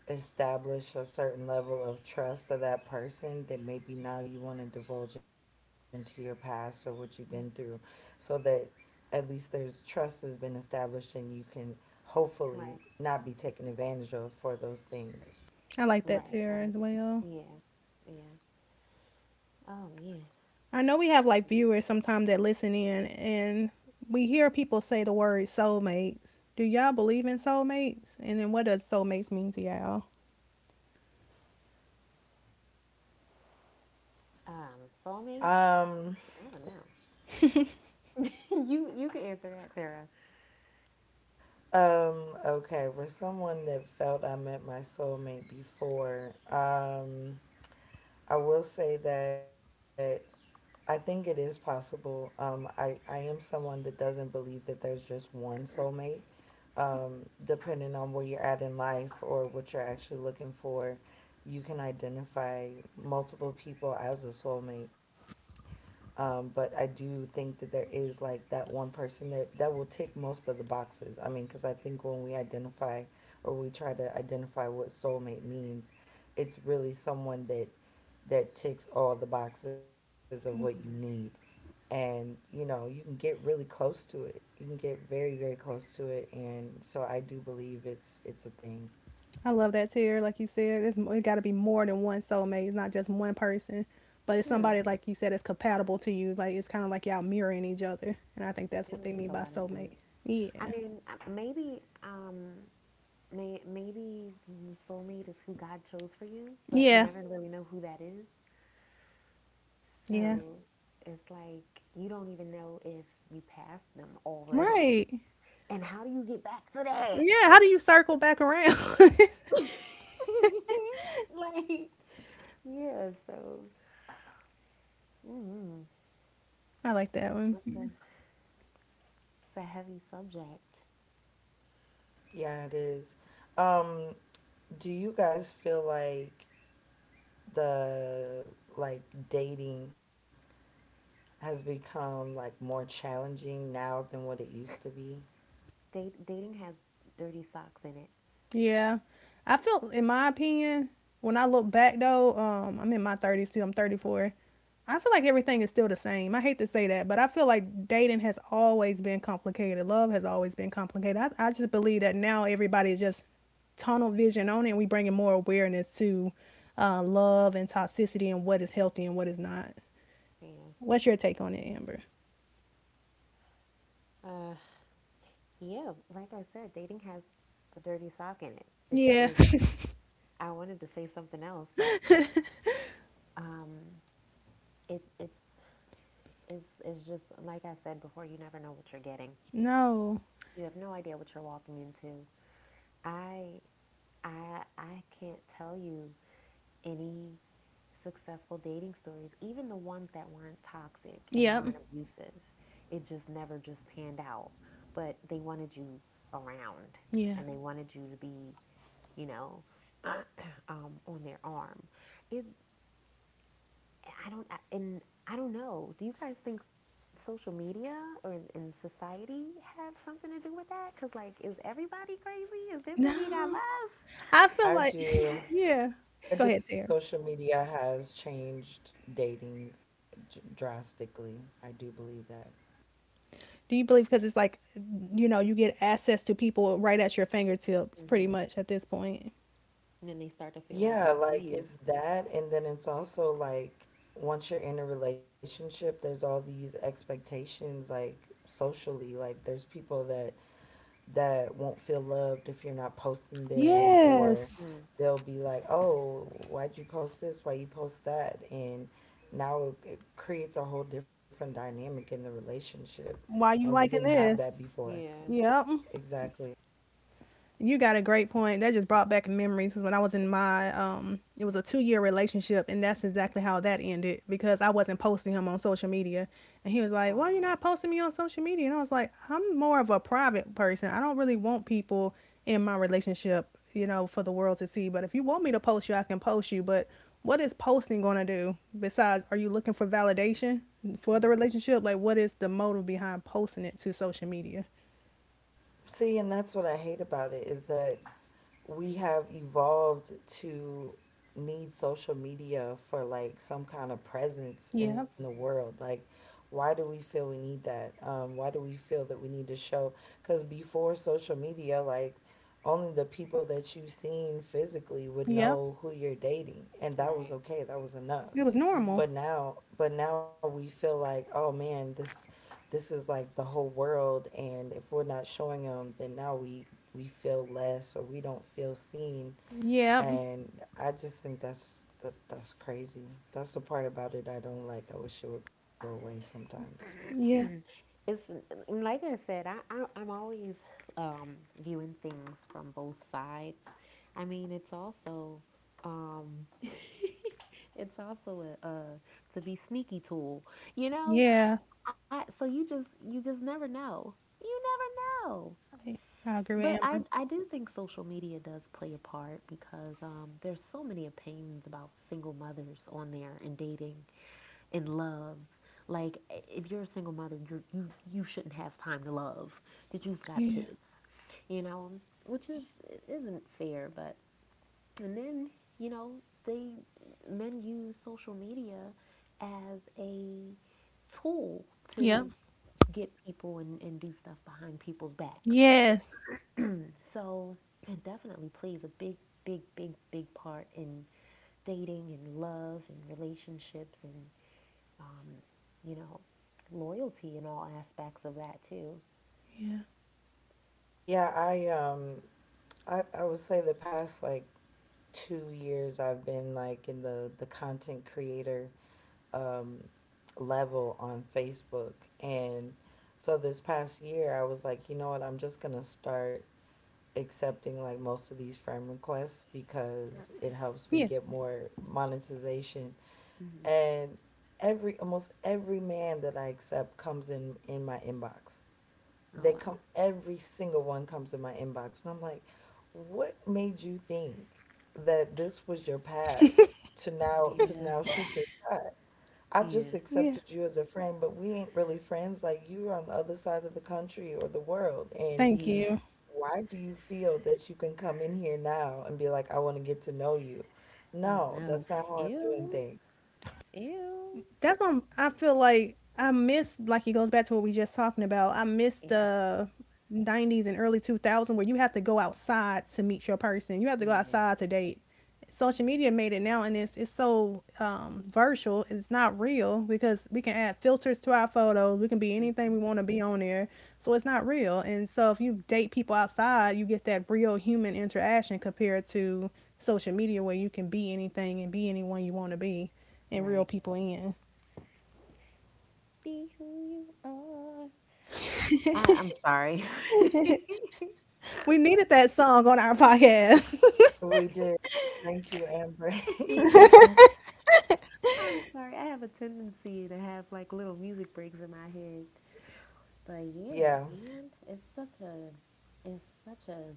Speaker 1: establish a certain level of trust of that person, then maybe now you want to divulge into your past or what you've been through so that at least there's trust has been established and you can
Speaker 2: right,
Speaker 1: hopefully not be taken advantage of for those
Speaker 3: I
Speaker 1: things.
Speaker 3: like that,
Speaker 2: right,
Speaker 3: Tara,
Speaker 2: right.
Speaker 3: as well.
Speaker 2: Yeah, yeah. Oh man,
Speaker 3: I know we have like viewers sometimes that listen in, and we hear people say the word soulmates. Do y'all believe in soulmates? And then what does soulmates mean to y'all?
Speaker 2: soulmates.
Speaker 1: Um,
Speaker 2: I don't know. You can answer that, Tara.
Speaker 1: okay, for someone that felt I met my soulmate before, I will say that I think it is possible. I am someone that doesn't believe that there's just one soulmate, depending on where you're at in life or what you're actually looking for. You can identify multiple people as a soulmate. But I do think that there is like that one person that will tick most of the boxes. I mean, because I think when we identify or we try to identify what soulmate means, it's really someone that ticks all the boxes of what you need.
Speaker 2: Hmm,
Speaker 1: And you know, you can get really close to it. You can get very, very close to it. And so I do believe it's a thing.
Speaker 3: I love that, tear. Like you said, it's it got to be more than one soulmate. It's not just one person, but it's somebody like you said it's compatible to you. Like it's kind of like y'all mirroring each other, and I think that's
Speaker 2: that
Speaker 3: what they
Speaker 2: makes
Speaker 3: mean
Speaker 2: a
Speaker 3: by
Speaker 2: lot of
Speaker 3: soulmate.
Speaker 2: sense. I
Speaker 3: Yeah,
Speaker 2: mean, maybe. Maybe the soulmate is who God chose for you, but you
Speaker 3: yeah,
Speaker 2: never really know who that is.
Speaker 3: yeah.
Speaker 2: So it's like you don't even know if you passed them already.
Speaker 3: Right.
Speaker 2: And how do you get back to that?
Speaker 3: Yeah. How do you circle back around?
Speaker 2: Like, yeah, so mm,
Speaker 3: I like that one.
Speaker 2: it's, a, it's a heavy subject.
Speaker 1: Yeah, it is. Um, do you guys feel like the like dating has become like more challenging now than what it used to be?
Speaker 2: Date, dating has dirty socks in it.
Speaker 3: Yeah. I feel, in my opinion, when I look back though, I'm in my 30s too, I'm 34. I feel like everything is still the same. I hate to say that, but I feel like dating has always been complicated. Love has always been complicated. I just believe that now everybody is just tunnel vision on it and we bringing more awareness to love and toxicity and what is healthy and what is not.
Speaker 2: Yeah.
Speaker 3: What's your take on it, Amber?
Speaker 2: Uh, yeah, like I said, dating has a dirty sock in it. It's
Speaker 3: Yeah.
Speaker 2: just, I wanted to say something else, but um, it, it's it's just like I said before. You never know what you're getting.
Speaker 3: No.
Speaker 2: You have no idea what you're walking into. I I can't tell you any successful dating stories, even the ones that weren't toxic and
Speaker 3: Yep.
Speaker 2: weren't abusive. It just never just panned out. But they wanted you around,
Speaker 3: Yeah.
Speaker 2: and they wanted you to be, you know, on their arm. It I don't I- and I don't know. Do you guys think social media or in society have something to do with that? Because, like, is everybody crazy? Is this what we got
Speaker 3: No.
Speaker 2: left?
Speaker 3: I feel
Speaker 1: I
Speaker 3: like
Speaker 1: do
Speaker 3: yeah.
Speaker 1: I
Speaker 3: Go
Speaker 1: do
Speaker 3: ahead, Tara.
Speaker 1: Social media has changed drastically. I do believe that.
Speaker 3: Do you believe because it's like, you know, you get access to people right at your fingertips pretty
Speaker 2: Hmm.
Speaker 3: much at this point.
Speaker 2: And then they start to feel like
Speaker 1: Yeah,
Speaker 2: they know
Speaker 1: like
Speaker 2: you.
Speaker 1: it's that, and then it's also like once you're in a relationship, there's all these expectations, like socially, like there's people that won't feel loved if you're not posting them,
Speaker 3: Yes.
Speaker 1: or
Speaker 2: Mm,
Speaker 1: they'll be like, oh, why'd you post this, why you post that, and now it creates a whole different dynamic in the relationship,
Speaker 3: Why
Speaker 1: and we
Speaker 3: you
Speaker 1: didn't
Speaker 3: liking
Speaker 1: have that
Speaker 3: this?
Speaker 1: before.
Speaker 2: yeah.
Speaker 3: Yep.
Speaker 1: Exactly.
Speaker 3: You got a great point. That just brought back memories. Because when I was in my it was a 2-year relationship and that's exactly how that ended because I wasn't posting him on social media, and he was like, "Why are you
Speaker 2: Wow.
Speaker 3: not posting me on social media?" And I was like, "I'm more of a private person. I don't really want people in my relationship, you know, for the world to see, but if you want me to post you, I can post you, but what is posting going to do? Besides, are you looking for validation for the
Speaker 2: Mm.
Speaker 3: relationship? Like what is the motive behind posting it to social media?"
Speaker 1: See, and that's what I hate about it, is that we have evolved to need social media for like some kind of presence in the
Speaker 3: Yep.
Speaker 1: world. Like, why do we feel we need that? Um, why do we feel that we need to show? Because before social media, like, only the people that you've seen physically would
Speaker 3: Yep.
Speaker 1: know who you're dating, and
Speaker 2: Mm-hmm.
Speaker 1: that was
Speaker 2: Right.
Speaker 1: okay, that was enough.
Speaker 3: It was
Speaker 2: Mm-hmm.
Speaker 3: normal.
Speaker 1: But now we feel like, oh man, this is like the whole world, and if we're not showing them, then now we feel less, or we don't feel seen.
Speaker 3: Yep.
Speaker 1: And I just think that's that's crazy. That's the part about it I don't like. I wish it would go away sometimes.
Speaker 3: Yeah.
Speaker 2: it's And like I said, I I'm always viewing things from both sides. I mean, it's also um, it's also a to be sneaky tool, you know.
Speaker 3: Yeah.
Speaker 2: I So you just never know. You never know.
Speaker 3: I, I agree with
Speaker 2: But
Speaker 3: Amber.
Speaker 2: I do think social media does play a part because there's so many opinions about single mothers on there and dating and love. Like if you're a single mother, you shouldn't have time to love because you've got
Speaker 3: Yeah.
Speaker 2: kids. You know, which is it isn't fair, but, and then, you know, they men use social media as a tool
Speaker 3: Yep.
Speaker 2: to get people, and, do stuff behind people's backs.
Speaker 3: Yes.
Speaker 2: So it definitely plays a big, big part in dating and love and relationships, and um, you know, loyalty in all aspects of that too.
Speaker 3: Yeah.
Speaker 1: Yeah, I would say the past like 2 years I've been like in the content creator um level on Facebook. And so this past year I was like, you know what, I'm just gonna start accepting like most of these friend requests because
Speaker 3: Yeah.
Speaker 1: it helps me get more monetization.
Speaker 2: Hmm.
Speaker 1: And every almost every man that I accept comes in my inbox.
Speaker 2: Oh,
Speaker 1: They
Speaker 2: wow.
Speaker 1: come, every single one comes in my inbox, and I'm like, "What made you think that this was your pass to now to
Speaker 2: Yeah,
Speaker 1: now shoot your shot? I
Speaker 2: yeah,
Speaker 1: just
Speaker 3: Yeah.
Speaker 1: accepted you as a friend, but we ain't really friends. Like, you are on the other side of the country or the world, and
Speaker 3: Thank
Speaker 2: yeah.
Speaker 3: you.
Speaker 1: why do you feel that you can come in here now and be like, I want to get to know you?
Speaker 2: Oh,
Speaker 1: No,
Speaker 2: no.
Speaker 1: that's not how I'm doing
Speaker 2: Ew,
Speaker 1: things."
Speaker 2: ew.
Speaker 3: That's why I feel like I miss, like it goes back to what we just talking about. I miss
Speaker 2: Yeah,
Speaker 3: the 90s and early 2000 where you have to go outside to meet your person. You have to go
Speaker 2: yeah.
Speaker 3: outside to date. Social media made it now and it's so virtual. It's not real because we can add filters to our photos. We can be anything
Speaker 2: Hmm.
Speaker 3: we want to be on there. So it's not real. And so if you date people outside, you get that real human interaction compared to social media where you can be anything and be anyone you want to be and reel
Speaker 2: Right.
Speaker 3: people in.
Speaker 2: Be who you are. I'm sorry.
Speaker 3: We needed that song on our podcast.
Speaker 1: We did. Thank you, Amber.
Speaker 2: I'm sorry. I have a tendency to have like little music breaks in my head. But yeah,
Speaker 1: Yeah.
Speaker 2: man, it's such a it's such a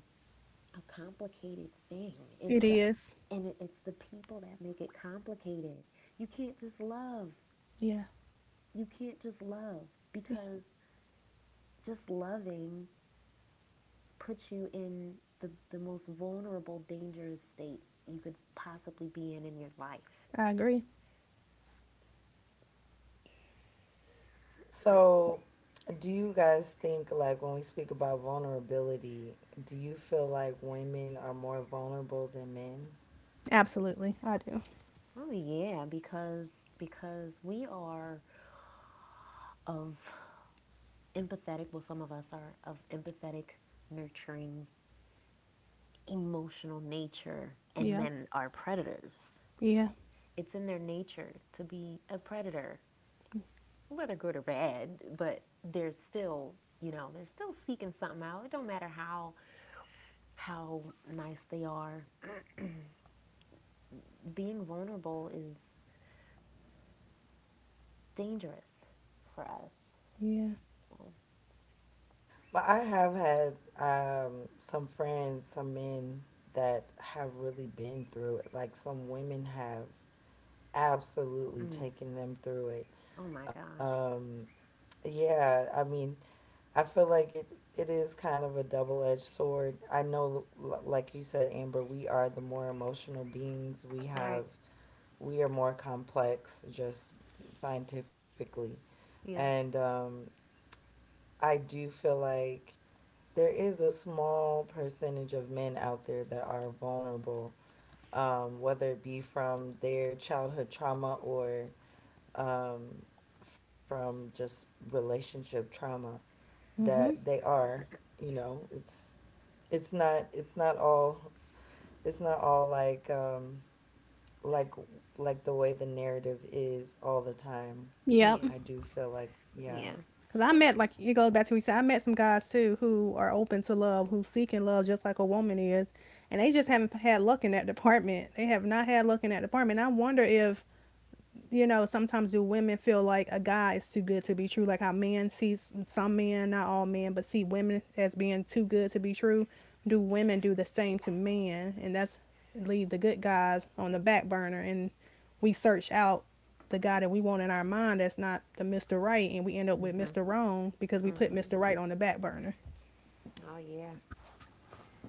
Speaker 2: a complicated thing.
Speaker 3: It
Speaker 2: It's su-
Speaker 3: is.
Speaker 2: and it's the people that make it complicated. You can't just love.
Speaker 3: Yeah.
Speaker 2: You can't just love
Speaker 3: Yeah.
Speaker 2: because just loving puts you in the most vulnerable, dangerous state you could possibly be in your life.
Speaker 3: I agree.
Speaker 1: So, do you guys think, like, when we speak about vulnerability, do you feel like women are more vulnerable than men?
Speaker 3: Absolutely. I do.
Speaker 2: Oh yeah, because we are of empathetic. Well, some of us are of empathetic, nurturing, emotional nature, and
Speaker 3: Yep.
Speaker 2: men are predators.
Speaker 3: Yeah.
Speaker 2: It's in their nature to be a predator, whether good or bad, but they're still, they're still seeking something out. It don't matter how nice they are. Being vulnerable is dangerous for us.
Speaker 3: Yeah.
Speaker 2: So,
Speaker 1: Well, I have had some friends, some men that have really been through it. Like, some women have absolutely
Speaker 2: mm,
Speaker 1: taken them through it.
Speaker 2: oh my gosh.
Speaker 1: Um, yeah, I mean, I feel like it is kind of a double-edged sword. I know, like you said, Amber, we are the more emotional beings. We
Speaker 2: All
Speaker 1: have
Speaker 2: right.
Speaker 1: we are more complex, just scientifically, and
Speaker 2: Yeah.
Speaker 1: I do feel like there is a small percentage of men out there that are vulnerable, whether it be from their childhood trauma or um, from just relationship trauma. That they are, you know, it's not it's not all it's not all like like the way the narrative is all the time. I
Speaker 2: Yeah.
Speaker 3: Yep.
Speaker 1: do feel like, yeah.
Speaker 2: Yeah.
Speaker 3: Because I
Speaker 2: I mean,
Speaker 3: met, like, it goes back to what you said, I met some guys too who are open to love, who seeking love just like a woman is. And they just haven't had luck in that department. They have not had luck in that department. I wonder if, you know, sometimes do women feel like a guy is too good to be true? Like how men see some men, not all men, but see women as being too good to be true. Do women do the same to men? And that's leave the good guys on the back burner, and we search out the guy that we want in our mind that's not the Mr. Right, and we end up with
Speaker 2: hmm,
Speaker 3: Mr. Wrong because we put
Speaker 2: hmm,
Speaker 3: Mr. Right on the back burner.
Speaker 2: oh yeah.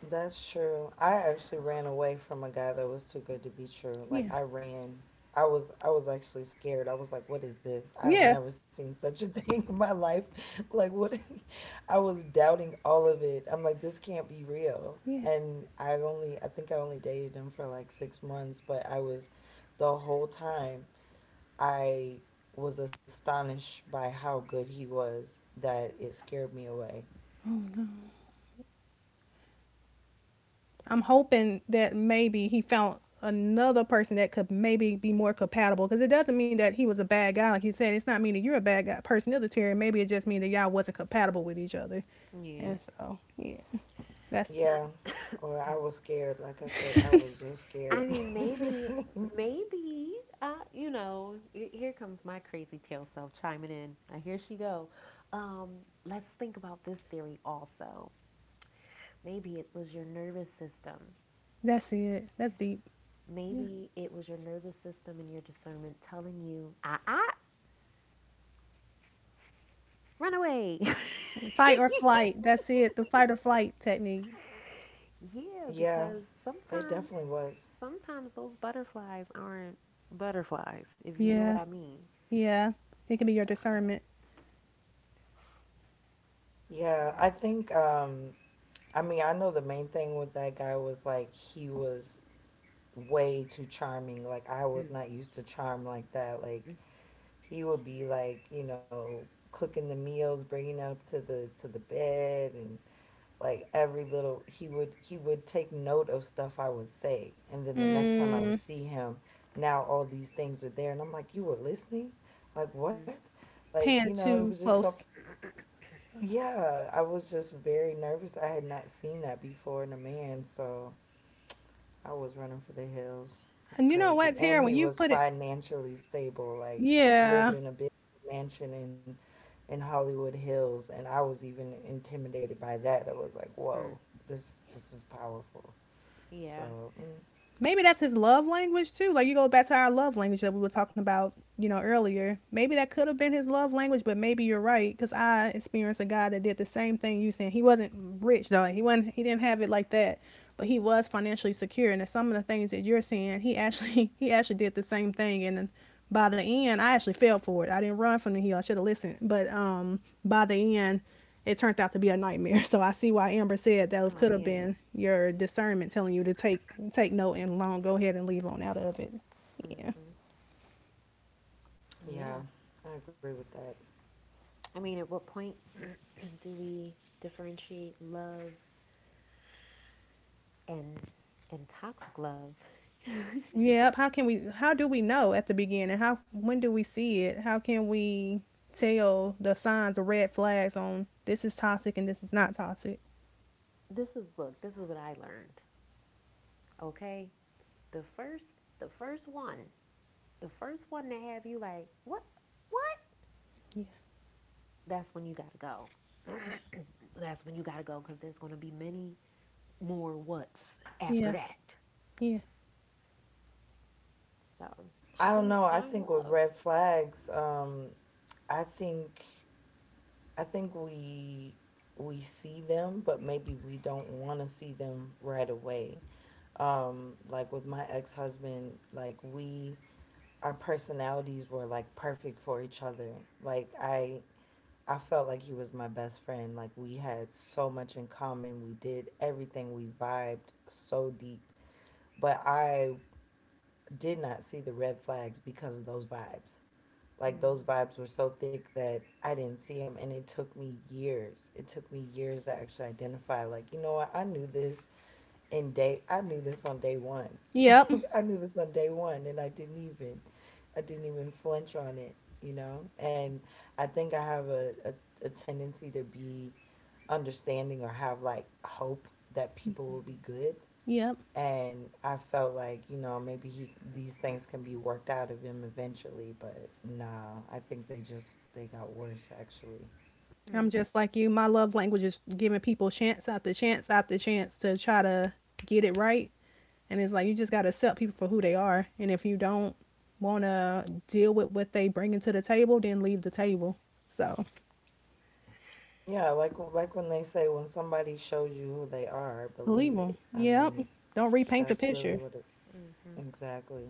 Speaker 1: That's true. I actually ran away from a guy that was too good to be true. Like,
Speaker 3: Yeah,
Speaker 1: I ran. I was actually scared. I was like, "What is this?
Speaker 3: yeah,
Speaker 1: I've never seen such a thing in my life." Like what I was doubting all of it. I'm like, "This can't be real."
Speaker 3: yeah.
Speaker 1: And I think I only dated him for like 6 months, but I was the whole time I was astonished by how good he was that it scared me away.
Speaker 3: Oh, I'm hoping that maybe he found another person that could maybe be more compatible, because it doesn't mean that he was a bad guy. Like you said, it's not meaning you're a bad guy person either, Terry. Maybe it just means that y'all wasn't compatible with each other,
Speaker 2: Yeah.
Speaker 3: and so yeah. that's
Speaker 1: Yeah. Or I was scared. Like I said, I was just
Speaker 2: I
Speaker 1: scared.
Speaker 2: mean, maybe, maybe, here comes my crazy tail self chiming in. Now, here she go. Um, let's think about this theory also. Maybe it was your nervous system.
Speaker 3: that's it. That's deep. Yeah,
Speaker 2: Maybe it was your nervous system and your discernment telling you, ah, ah, run away.
Speaker 3: fight or flight. That's it, the fight or flight technique.
Speaker 2: Yeah,
Speaker 1: Yeah,
Speaker 2: because
Speaker 1: it
Speaker 2: sometimes,
Speaker 1: definitely was.
Speaker 2: sometimes those butterflies aren't butterflies, if you know
Speaker 3: Yeah.
Speaker 2: what I mean.
Speaker 3: Yeah, it can be your discernment.
Speaker 1: Yeah, I think I mean, I know the main thing with that guy was like he was way too charming. Like, I was
Speaker 2: Mm,
Speaker 1: not used to charm like that. Like,
Speaker 2: mm,
Speaker 1: he would be like, you know, cooking the meals, bringing it up to the bed, and like every little he would take note of stuff I would say, and then the next
Speaker 2: mhm,
Speaker 1: time I
Speaker 3: Mm,
Speaker 1: would see him, now all these things are there, and I'm like, you were listening, like
Speaker 2: mhm,
Speaker 1: what, like,
Speaker 3: pan
Speaker 1: you know, it was
Speaker 3: too
Speaker 1: just so,
Speaker 3: close.
Speaker 1: yeah, I was just very nervous. I had not seen that before in a man, so I was running for the hills. It's
Speaker 3: And you know
Speaker 1: crazy.
Speaker 3: what,
Speaker 1: And
Speaker 3: Terry, when
Speaker 1: he
Speaker 3: you
Speaker 1: was
Speaker 3: put it,
Speaker 1: financially stable, like
Speaker 3: yeah,
Speaker 1: lived in a big mansion in Hollywood Hills, and I was even intimidated by that. I was like,
Speaker 2: mhm.
Speaker 1: "Whoa, this is powerful."
Speaker 2: Yeah.
Speaker 1: So, mm,
Speaker 3: maybe that's his love language too. Like you go back to our love language that we were talking about, you know, earlier. Maybe that could have been his love language, but maybe you're right because I experienced a guy that did the same thing you saying. He wasn't rich though. He wasn't. He didn't have it like that, but he was financially secure. And some of the things that you're saying, he actually he actually did the same thing. And then by the end, I actually fell for it. I didn't run from the hill. I should have listened. But by the end, it turned out to be a nightmare. So I see why
Speaker 2: Oh
Speaker 3: Amber said
Speaker 2: man.
Speaker 3: those could have been your discernment telling you to take take note and long go ahead and leave on out of it. Yeah.
Speaker 2: Hmm. Yeah.
Speaker 1: yeah, I agree with that.
Speaker 2: I mean, at what point do we differentiate love and and toxic love?
Speaker 3: Yep. How can we? How do we know at the beginning? How, when do we see it? How can we tell the signs or red flags on this is toxic and this is not toxic?
Speaker 2: This is Look, this is what I learned. Okay. The first, the first one, the first one to have you like what, what?
Speaker 3: Yeah.
Speaker 2: That's when you gotta go.
Speaker 3: Yeah.
Speaker 2: That's when you gotta go because there's gonna be many more whats after that.
Speaker 3: Yeah. Yeah.
Speaker 2: So, how do
Speaker 1: I
Speaker 2: you
Speaker 1: don't know.
Speaker 2: find
Speaker 1: I think
Speaker 2: love?
Speaker 1: with red flags, um, I think I think we we see them, but maybe we don't want to see them right away. Um, like with my ex-husband, like, we our personalities were like perfect for each other. Like, I felt like he was my best friend. Like, we had so much in common, we did everything, we vibed so deep. But I did not see the red flags because of those vibes. Like, those vibes were so thick that I didn't see them, and it took me years, it took me years to actually identify, like, you know what, I knew this. I knew this on day one.
Speaker 3: Yep.
Speaker 1: I knew this on day one, and I didn't even flinch on it, you know. And I think I have a tendency to be understanding or have like hope that people
Speaker 2: Mm-hmm.
Speaker 1: will be good.
Speaker 3: Yep.
Speaker 1: And I felt like, you know, maybe he, these things can be worked out of him eventually, but nah, I think they just, they got worse actually.
Speaker 2: Mm-hmm.
Speaker 3: I'm just like you. My love language is giving people chance after chance after chance to try to get it right. And it's like you just got to accept people for who they are. And if you don't want to deal with what they bring into the table, then leave the table. So
Speaker 1: Yeah, like when they say, when somebody shows you who they are,
Speaker 3: leave
Speaker 1: believe
Speaker 3: them.
Speaker 1: it. I
Speaker 3: Yep.
Speaker 1: mean,
Speaker 3: Don't repaint the
Speaker 1: that's really
Speaker 3: picture.
Speaker 1: what it—
Speaker 2: Mm-hmm.
Speaker 1: Exactly.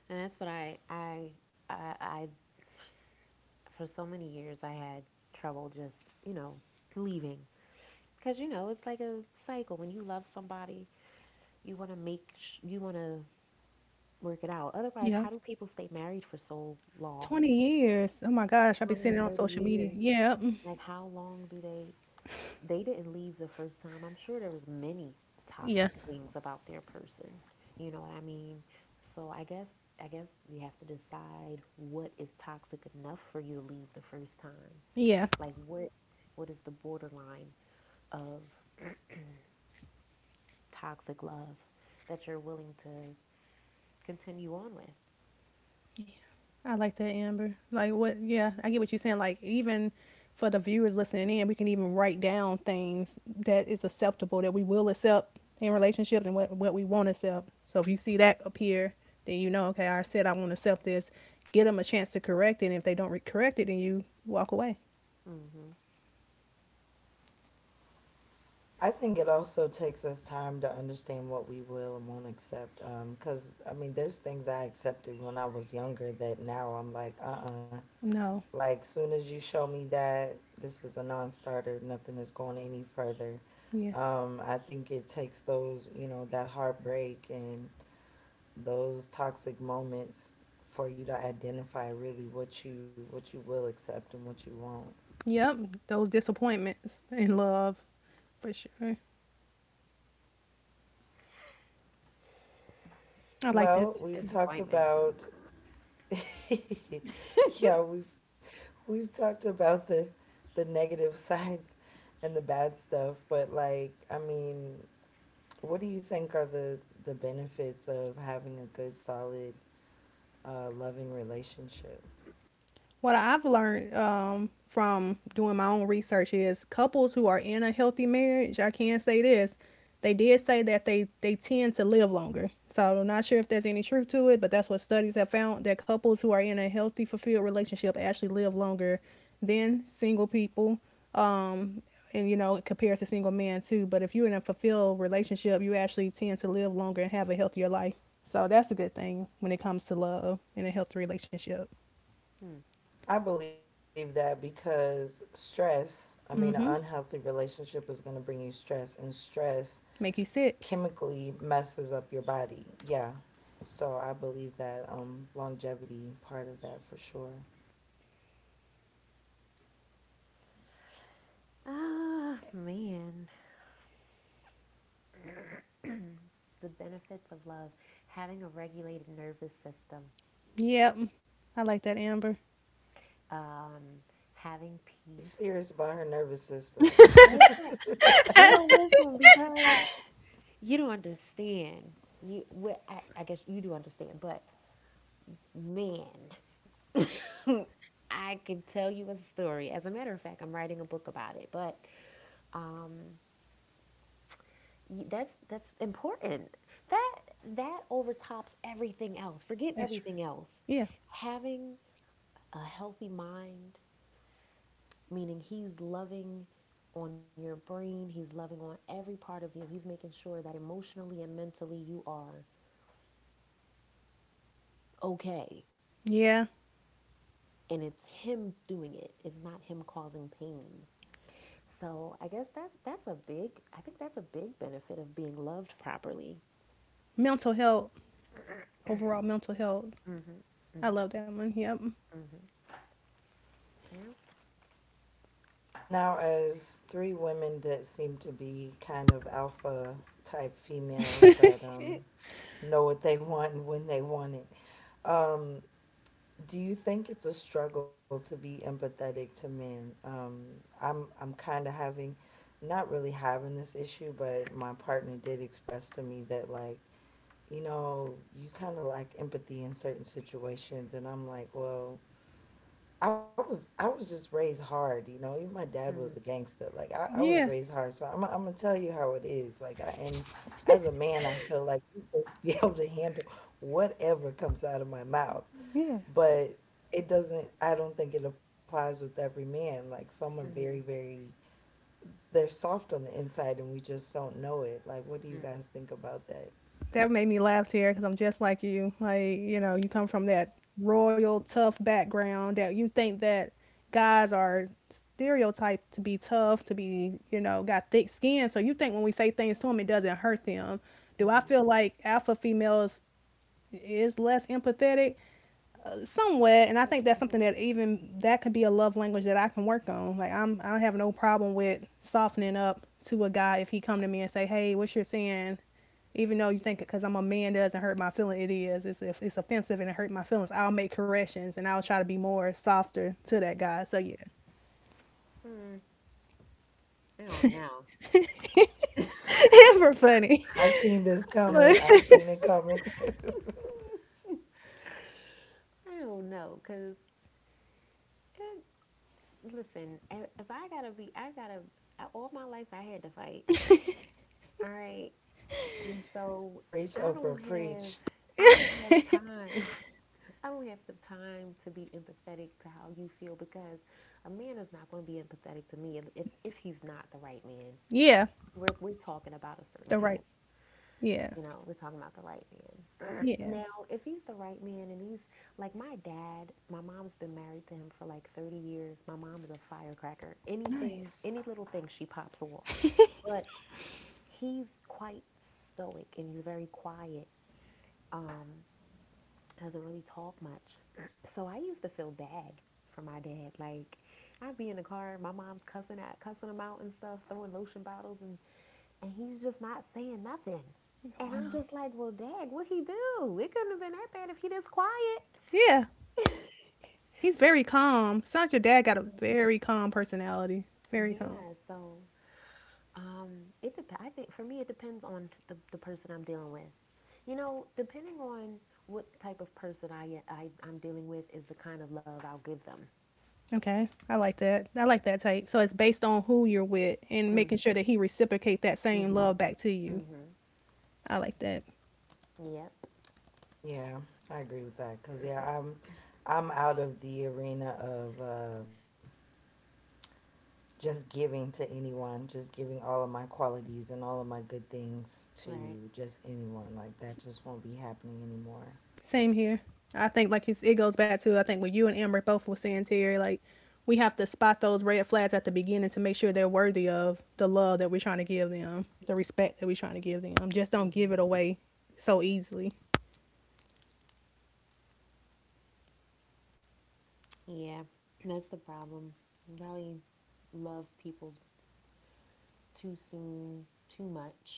Speaker 2: And that's what I, for so many years, I had trouble just, leaving. Because, it's like a cycle. When you love somebody, you want to you want to work it out. Otherwise, how
Speaker 3: Yep.
Speaker 2: do people stay married for so long?
Speaker 3: 20 years. Oh my gosh. I've been
Speaker 2: twenty
Speaker 3: seeing it on
Speaker 2: thirty
Speaker 3: social media.
Speaker 2: years?
Speaker 3: Yep.
Speaker 2: Like, how long do they? They didn't leave the first time. I'm sure there was many
Speaker 3: Yeah.
Speaker 2: toxic things about their person. You know what I mean? So I guess you have to decide what is toxic enough for you to leave the first time. Like
Speaker 3: Yeah.
Speaker 2: what is the borderline of toxic love that you're willing to continue on with?
Speaker 3: I like that, Amber. Like what? Yeah, I get what you're saying. Like even for the viewers listening in, we can even write down things that is acceptable that we will accept in relationships and what we won't accept. So if you see that appear, then you know, okay, I said I won't accept this. Get them a chance to correct it. And if they don't correct it, then you walk away.
Speaker 2: Mhm.
Speaker 1: I think it also takes us time to understand what we will and won't accept. Because, I mean, there's things I accepted when I was younger that now I'm
Speaker 3: No.
Speaker 1: like, soon as you show me that this is a non starter, nothing is going any further.
Speaker 3: Yes.
Speaker 1: I think it takes those, you know, that heartbreak and those toxic moments for you to identify really what you will accept and what you won't.
Speaker 3: Yep. Those disappointments in love for sure. I like that
Speaker 1: Well, we've
Speaker 3: too.
Speaker 1: talked
Speaker 2: Disappointments.
Speaker 1: about yeah, we've talked about the negative sides and the bad stuff, but, like, I mean, what do you think are the benefits of having a good, solid, loving relationship?
Speaker 3: What I've learned, from doing my own research is couples who are in a healthy marriage, I can say this, they did say that they tend to live longer. So I'm not sure if there's any truth to it, but that's what studies have found, that couples who are in a healthy, fulfilled relationship actually live longer than single people. Um, and you know, compared to single men too. But if you're in a fulfilled relationship, you actually tend to live longer and have a healthier life. So that's a good thing when it comes to love and a healthy relationship.
Speaker 2: Hmm.
Speaker 1: I believe that because stress, I mean, an unhealthy relationship is going to bring you stress, and stress
Speaker 3: Make you sick.
Speaker 1: chemically messes up your body. Yeah. So I believe that longevity part of that for sure.
Speaker 2: Ah, man. The benefits of love: having a regulated nervous system,
Speaker 3: Yep. I like that, Amber.
Speaker 2: um, having peace.
Speaker 1: She's serious about her nervous system.
Speaker 2: Listen, girl, listen, because you don't understand. You, well, I guess you do understand, but man, I can tell you a story. As a matter of fact, I'm writing a book about it, but um, that's important. That that overtops everything else. Forget
Speaker 3: That's true.
Speaker 2: everything else.
Speaker 3: Yeah.
Speaker 2: Having a healthy mind, meaning he's loving on your brain, he's loving on every part of you. He's making sure that emotionally and mentally you are okay.
Speaker 3: Yeah.
Speaker 2: And it's him doing it. It's not him causing pain. So I think that's a big benefit of being loved properly.
Speaker 3: Mental health, overall mental health.
Speaker 2: Mhm.
Speaker 3: I
Speaker 2: Mhm.
Speaker 3: love that one. Yep.
Speaker 2: Mhm. Yeah.
Speaker 1: Now, as three women that seem to be kind of alpha type females that
Speaker 2: It,
Speaker 1: know what they want and when they want it, um, do you think it's a struggle to be empathetic to men? I'm kind of not really having this issue, but my partner did express to me that, like, you know, you kind of lack empathy in certain situations, and I'm like, well, I was just raised hard, you know. Even my dad
Speaker 2: Mhm.
Speaker 1: was a gangster. Like, I was
Speaker 3: Yeah.
Speaker 1: raised hard, so I'm gonna tell you how it is. Like, I and as a man, I feel like you're supposed to be able to handle whatever comes out of my mouth,
Speaker 3: Yeah.
Speaker 1: but it doesn't. I don't think it applies with every man. Like, some are very,
Speaker 2: Mhm.
Speaker 1: very, they're soft on the inside, and we just don't know it. Like, what do you
Speaker 2: Mhm.
Speaker 1: guys think about that?
Speaker 3: That made me laugh, Tara, because I'm just like you. Like, you know, you come from that royal, tough background that you think that guys are stereotyped to be tough, to be, you know, got thick skin. So you think when we say things to them, it doesn't hurt them. Do
Speaker 2: Mhm.
Speaker 3: I feel like alpha females is less empathetic? Somewhat, and I think that's something that even that could be a love language that I can work on. Like I don't have no problem with softening up to a guy if he come to me and say, hey, what you're saying, even though you think because I'm a man doesn't hurt my feeling, it is, it's, if it's offensive and it hurt my feelings, I'll make corrections and I'll try to be more softer to that guy. So yeah.
Speaker 2: Mm. I don't know. I
Speaker 3: It's for funny.
Speaker 1: I seen this
Speaker 3: But
Speaker 1: coming. I seen it coming.
Speaker 2: don't know, cause listen, if I gotta be, I gotta, all my life I had to fight. All right. And so
Speaker 1: Preach,
Speaker 2: I don't
Speaker 1: Oprah,
Speaker 2: have,
Speaker 1: preach.
Speaker 2: I don't have time. I don't have the time to be empathetic to how you feel because a man is not going to be empathetic to me if he's not the right man.
Speaker 3: yeah,
Speaker 2: We're talking about a certain
Speaker 3: the
Speaker 2: kind of.
Speaker 3: right,
Speaker 2: you
Speaker 3: yeah.
Speaker 2: know, we're talking about the right man. Now,
Speaker 3: Yeah.
Speaker 2: if he's the right man and he's like my dad, my mom's been married to him for like 30 years. My mom was a firecracker. Anything,
Speaker 3: Nice.
Speaker 2: any little thing, she pops off. But he's quite stoic and he's very quiet. Um, doesn't really talk much. So I used to feel bad for my dad. Like I'd be in the car, my mom's cussing him out and stuff, throwing lotion bottles and he's just not saying nothing. And I'm
Speaker 3: Wow.
Speaker 2: just like, well, dag, what he do? It couldn't have been that bad if he just quiet.
Speaker 3: Yeah, he's very calm. Sounds like your dad got a very calm personality. Very
Speaker 2: Yeah,
Speaker 3: calm.
Speaker 2: so um, I think for me it depends on the person I'm dealing with. You know, depending on what type of person I'm dealing with is the kind of love I'll give them.
Speaker 3: Okay, I like that. I like that type. So it's based on who you're with and
Speaker 2: Mm-hmm.
Speaker 3: making sure that he reciprocate that
Speaker 2: Mm-hmm.
Speaker 3: same love back to you.
Speaker 2: Mm-hmm.
Speaker 3: I like that.
Speaker 2: Yep.
Speaker 1: Yeah, I agree with that, because yeah, I'm out of the arena of just giving to anyone, just giving all of my qualities and all of my good things
Speaker 2: Right.
Speaker 1: to just anyone. Like, that just won't be happening anymore.
Speaker 3: Same here. I think like it's, it goes back to I think what you and Amber both were saying, Terry. Like we have to spot those red flags at the beginning to make sure they're worthy of the love that we're trying to give them, the respect that we're trying to give them. Just don't
Speaker 2: Mm-hmm.
Speaker 3: give it away so easily.
Speaker 2: Yeah, that's the problem. Really love people too soon, too much.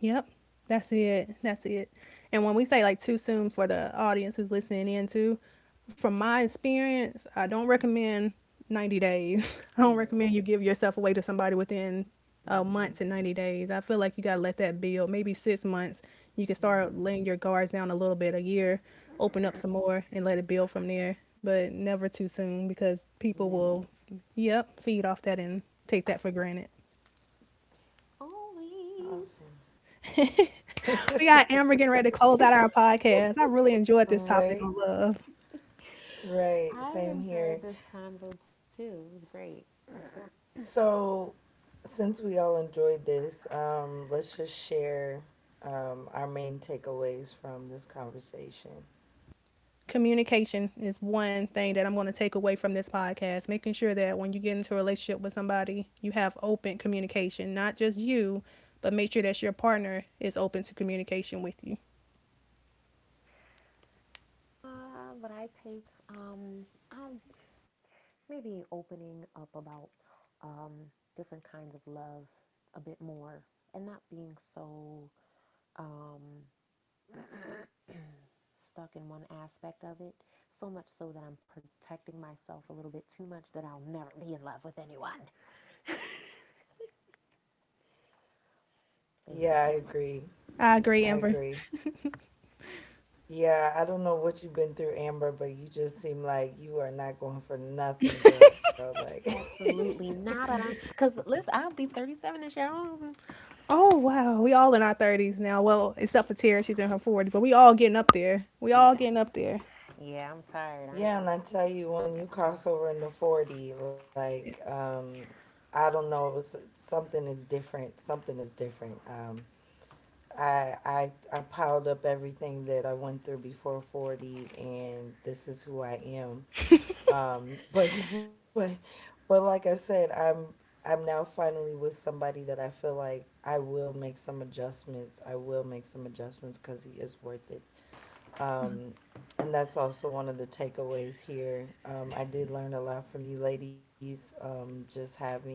Speaker 3: Yep. That's it. That's it. And when we say like too soon for the audience who's listening in too, from my experience, I don't recommend 90 days. I don't recommend you give yourself away to somebody within a
Speaker 2: Mm-hmm.
Speaker 3: month to 90 days. I feel like you got to let that build. Maybe 6 months, you can
Speaker 2: Mm-hmm.
Speaker 3: start laying your guards down a little bit, a year, open up some more and let it build from there. But never too soon because people
Speaker 2: Nepotism.
Speaker 3: will, yep, feed off that and take that for granted.
Speaker 2: Always.
Speaker 1: Awesome.
Speaker 3: We got Amber getting ready to close out our podcast. I really enjoyed this topic
Speaker 1: Right,
Speaker 3: on love.
Speaker 1: right.
Speaker 2: I
Speaker 1: Same
Speaker 2: enjoyed
Speaker 1: here.
Speaker 2: this convo too. It was great.
Speaker 1: So, since we all enjoyed this, let's just share our main takeaways from this conversation.
Speaker 3: Communication is one thing that I'm going to take away from this podcast. Making sure that when you get into a relationship with somebody, you have open communication, not just you, but make sure that your partner is open to communication with you.
Speaker 2: What I take I'm maybe opening up about um, different kinds of love a bit more and not being so um, stuck in one aspect of it. So much so that I'm protecting myself a little bit too much that I'll never be in love with anyone,
Speaker 1: Yeah, I
Speaker 2: basically.
Speaker 1: agree.
Speaker 3: I agree,
Speaker 1: I
Speaker 3: Amber.
Speaker 1: agree. Yeah, I don't know what you've been through, Amber, but you just seem like you are not going for nothing, girl. Like,
Speaker 2: Absolutely nada. Cause listen, I'll be 37 this year. I don't-
Speaker 3: Oh wow, we all in our thirties now. Well, except for Tara, she's in her forties, but we all getting up there. We
Speaker 2: Yeah.
Speaker 3: all getting up there.
Speaker 2: Yeah, I'm tired. I ain't got
Speaker 1: yeah, and I tell
Speaker 2: I
Speaker 1: you,
Speaker 2: ain't got
Speaker 1: when
Speaker 2: the
Speaker 1: you
Speaker 2: time.
Speaker 1: cross over into 40, like, I don't know, it was, something is different. Something is different. I piled up everything that I went through before 40, and this is who I am. But but like I said, I'm now finally with somebody that I feel like I will make some adjustments. I will make some adjustments because he is worth it. Um, and that's also one of the takeaways here. I did learn a lot from you ladies. Just having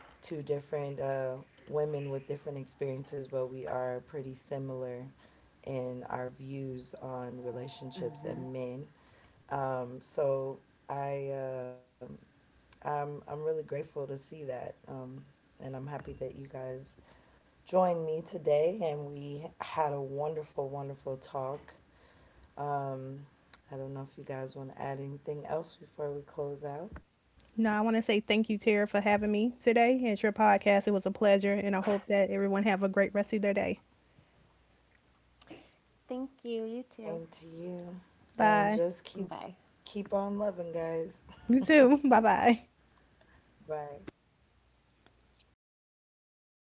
Speaker 1: two different women with different experiences, but we are pretty similar in our views on
Speaker 2: hmm
Speaker 1: relationships and men. So I um, I'm really grateful to see that, and I'm happy that you guys joined me today, and we had a wonderful, wonderful talk. Um, I don't know if you guys want to add anything else before we close out.
Speaker 3: No, I want to say thank you, Tara, for having me today. It's your podcast. It was a pleasure, and I hope that everyone have a great rest of their day.
Speaker 2: Thank you. You too.
Speaker 1: Same to you, and
Speaker 3: Bye.
Speaker 1: just
Speaker 2: Bye.
Speaker 1: keep on loving, guys.
Speaker 3: You too. Bye bye.
Speaker 1: Bye.
Speaker 3: Hey, Tara.